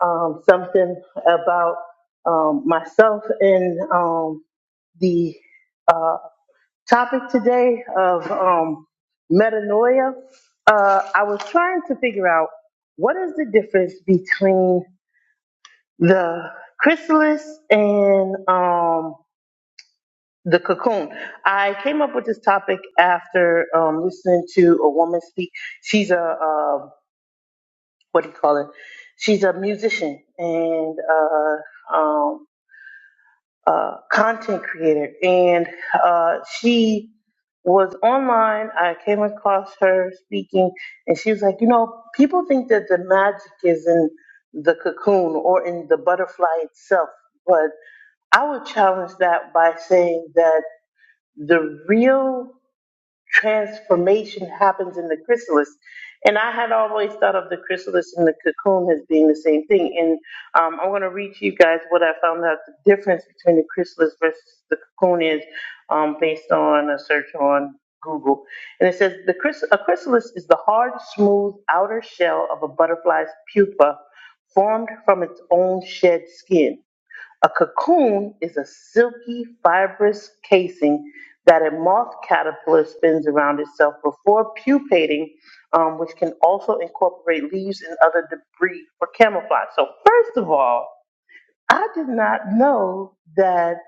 um, something about um, myself. And um, the uh, topic today of um, metanoia. Uh, I was trying to figure out what is the difference between the chrysalis and um, the cocoon. I came up with this topic after um, listening to a woman speak. She's a uh, what do you call it? She's a, um, a content creator, and uh, she was online. I came across her speaking, and she was like, you know, people think is in the but I had the real. transformation happens in the chrysalis. And I had always thought of the chrysalis and the cocoon as being the same thing. And um, I'm going to read to you guys what I found out the difference between the chrysalis versus the cocoon is um, based on a search on Google. And it says the chrys- a chrysalis is the hard, smooth outer shell of a butterfly's pupa formed from its own shed skin. A cocoon is a silky, fibrous casing that a moth caterpillar spins around itself before pupating, um, which can also incorporate leaves and other debris for camouflage. So, first of all, I did not know that,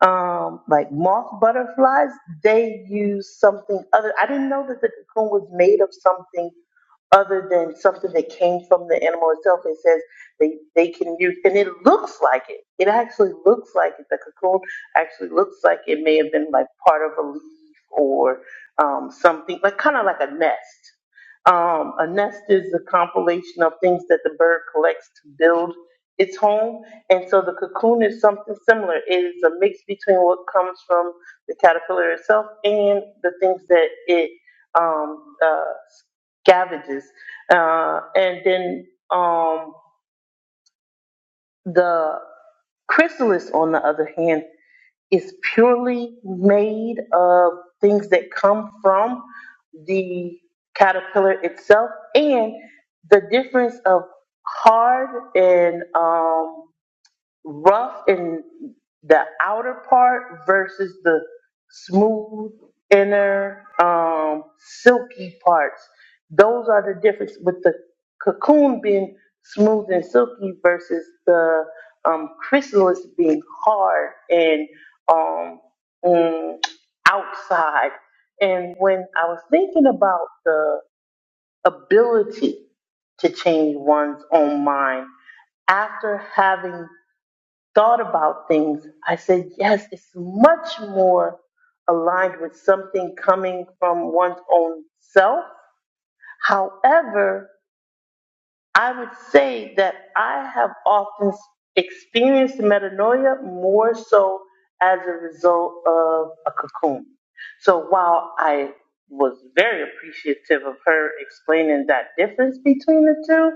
um, like moth butterflies, they use something other. I didn't know that the cocoon was made of something other than something that came from the animal itself. It says they, they can use, and it looks like it. It actually looks like it. The cocoon actually looks like it may have been like part of a leaf or um, something, like kind of like a nest. Um, a nest is a compilation of things that the bird collects to build its home. And so the cocoon is something similar. It is a mix between what comes from the caterpillar itself and the things that it um, uh, cabbages. Uh, and then um, the chrysalis, on the other hand, is purely made of things that come from the caterpillar itself and the difference of hard and um, rough in the outer part versus the smooth inner um, silky parts. Those are the difference with the cocoon being smooth and silky versus the um, chrysalis being hard and um, mm, outside. And when I was thinking about the ability to change one's own mind after having thought about things, I said, yes, it's much more aligned with something coming from one's own self. However, I would say that I have often experienced metanoia more so as a result of a cocoon. So while I was very appreciative of her explaining that difference between the two,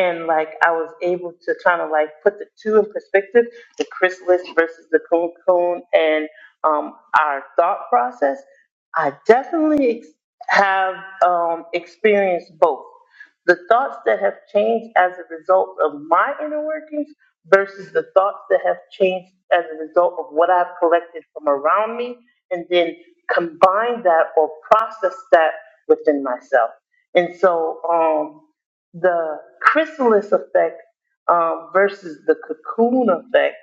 and like I was able to kind of like put the two in perspective the chrysalis versus the cocoon and um, our thought process, I definitely ex- have um, experienced both the thoughts that have changed as a result of my inner workings versus the thoughts that have changed as a result of what I've collected from around me, and then combine that or process that within myself. And so, um, the chrysalis effect um, versus the cocoon effect,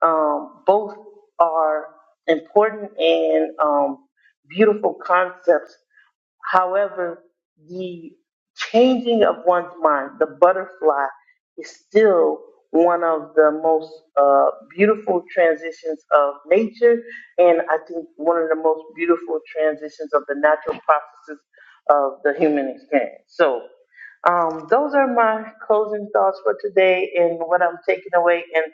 um, both are important and um, beautiful concepts However, the changing of one's mind, the butterfly, is still one of the most uh, beautiful transitions of nature, and I think one of the most beautiful transitions of the natural processes of the human experience. So, um, those are my closing thoughts for today and what I'm taking away. And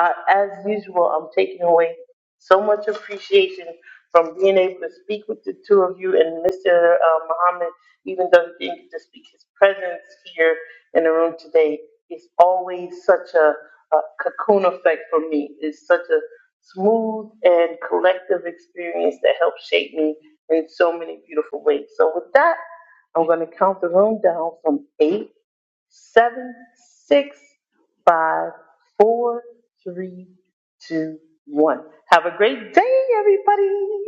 uh, as usual, I'm taking away so much appreciation from being able to speak with the two of you and Mr. Uh, Muhammad, even though he didn't get to speak, his presence here in the room today is always such a, a cocoon effect for me. It's such a smooth and collective experience that helps shape me in so many beautiful ways. So with that, I'm going to count the room down from eight, seven, six, five, four, three, two, one. Have a great day, everybody.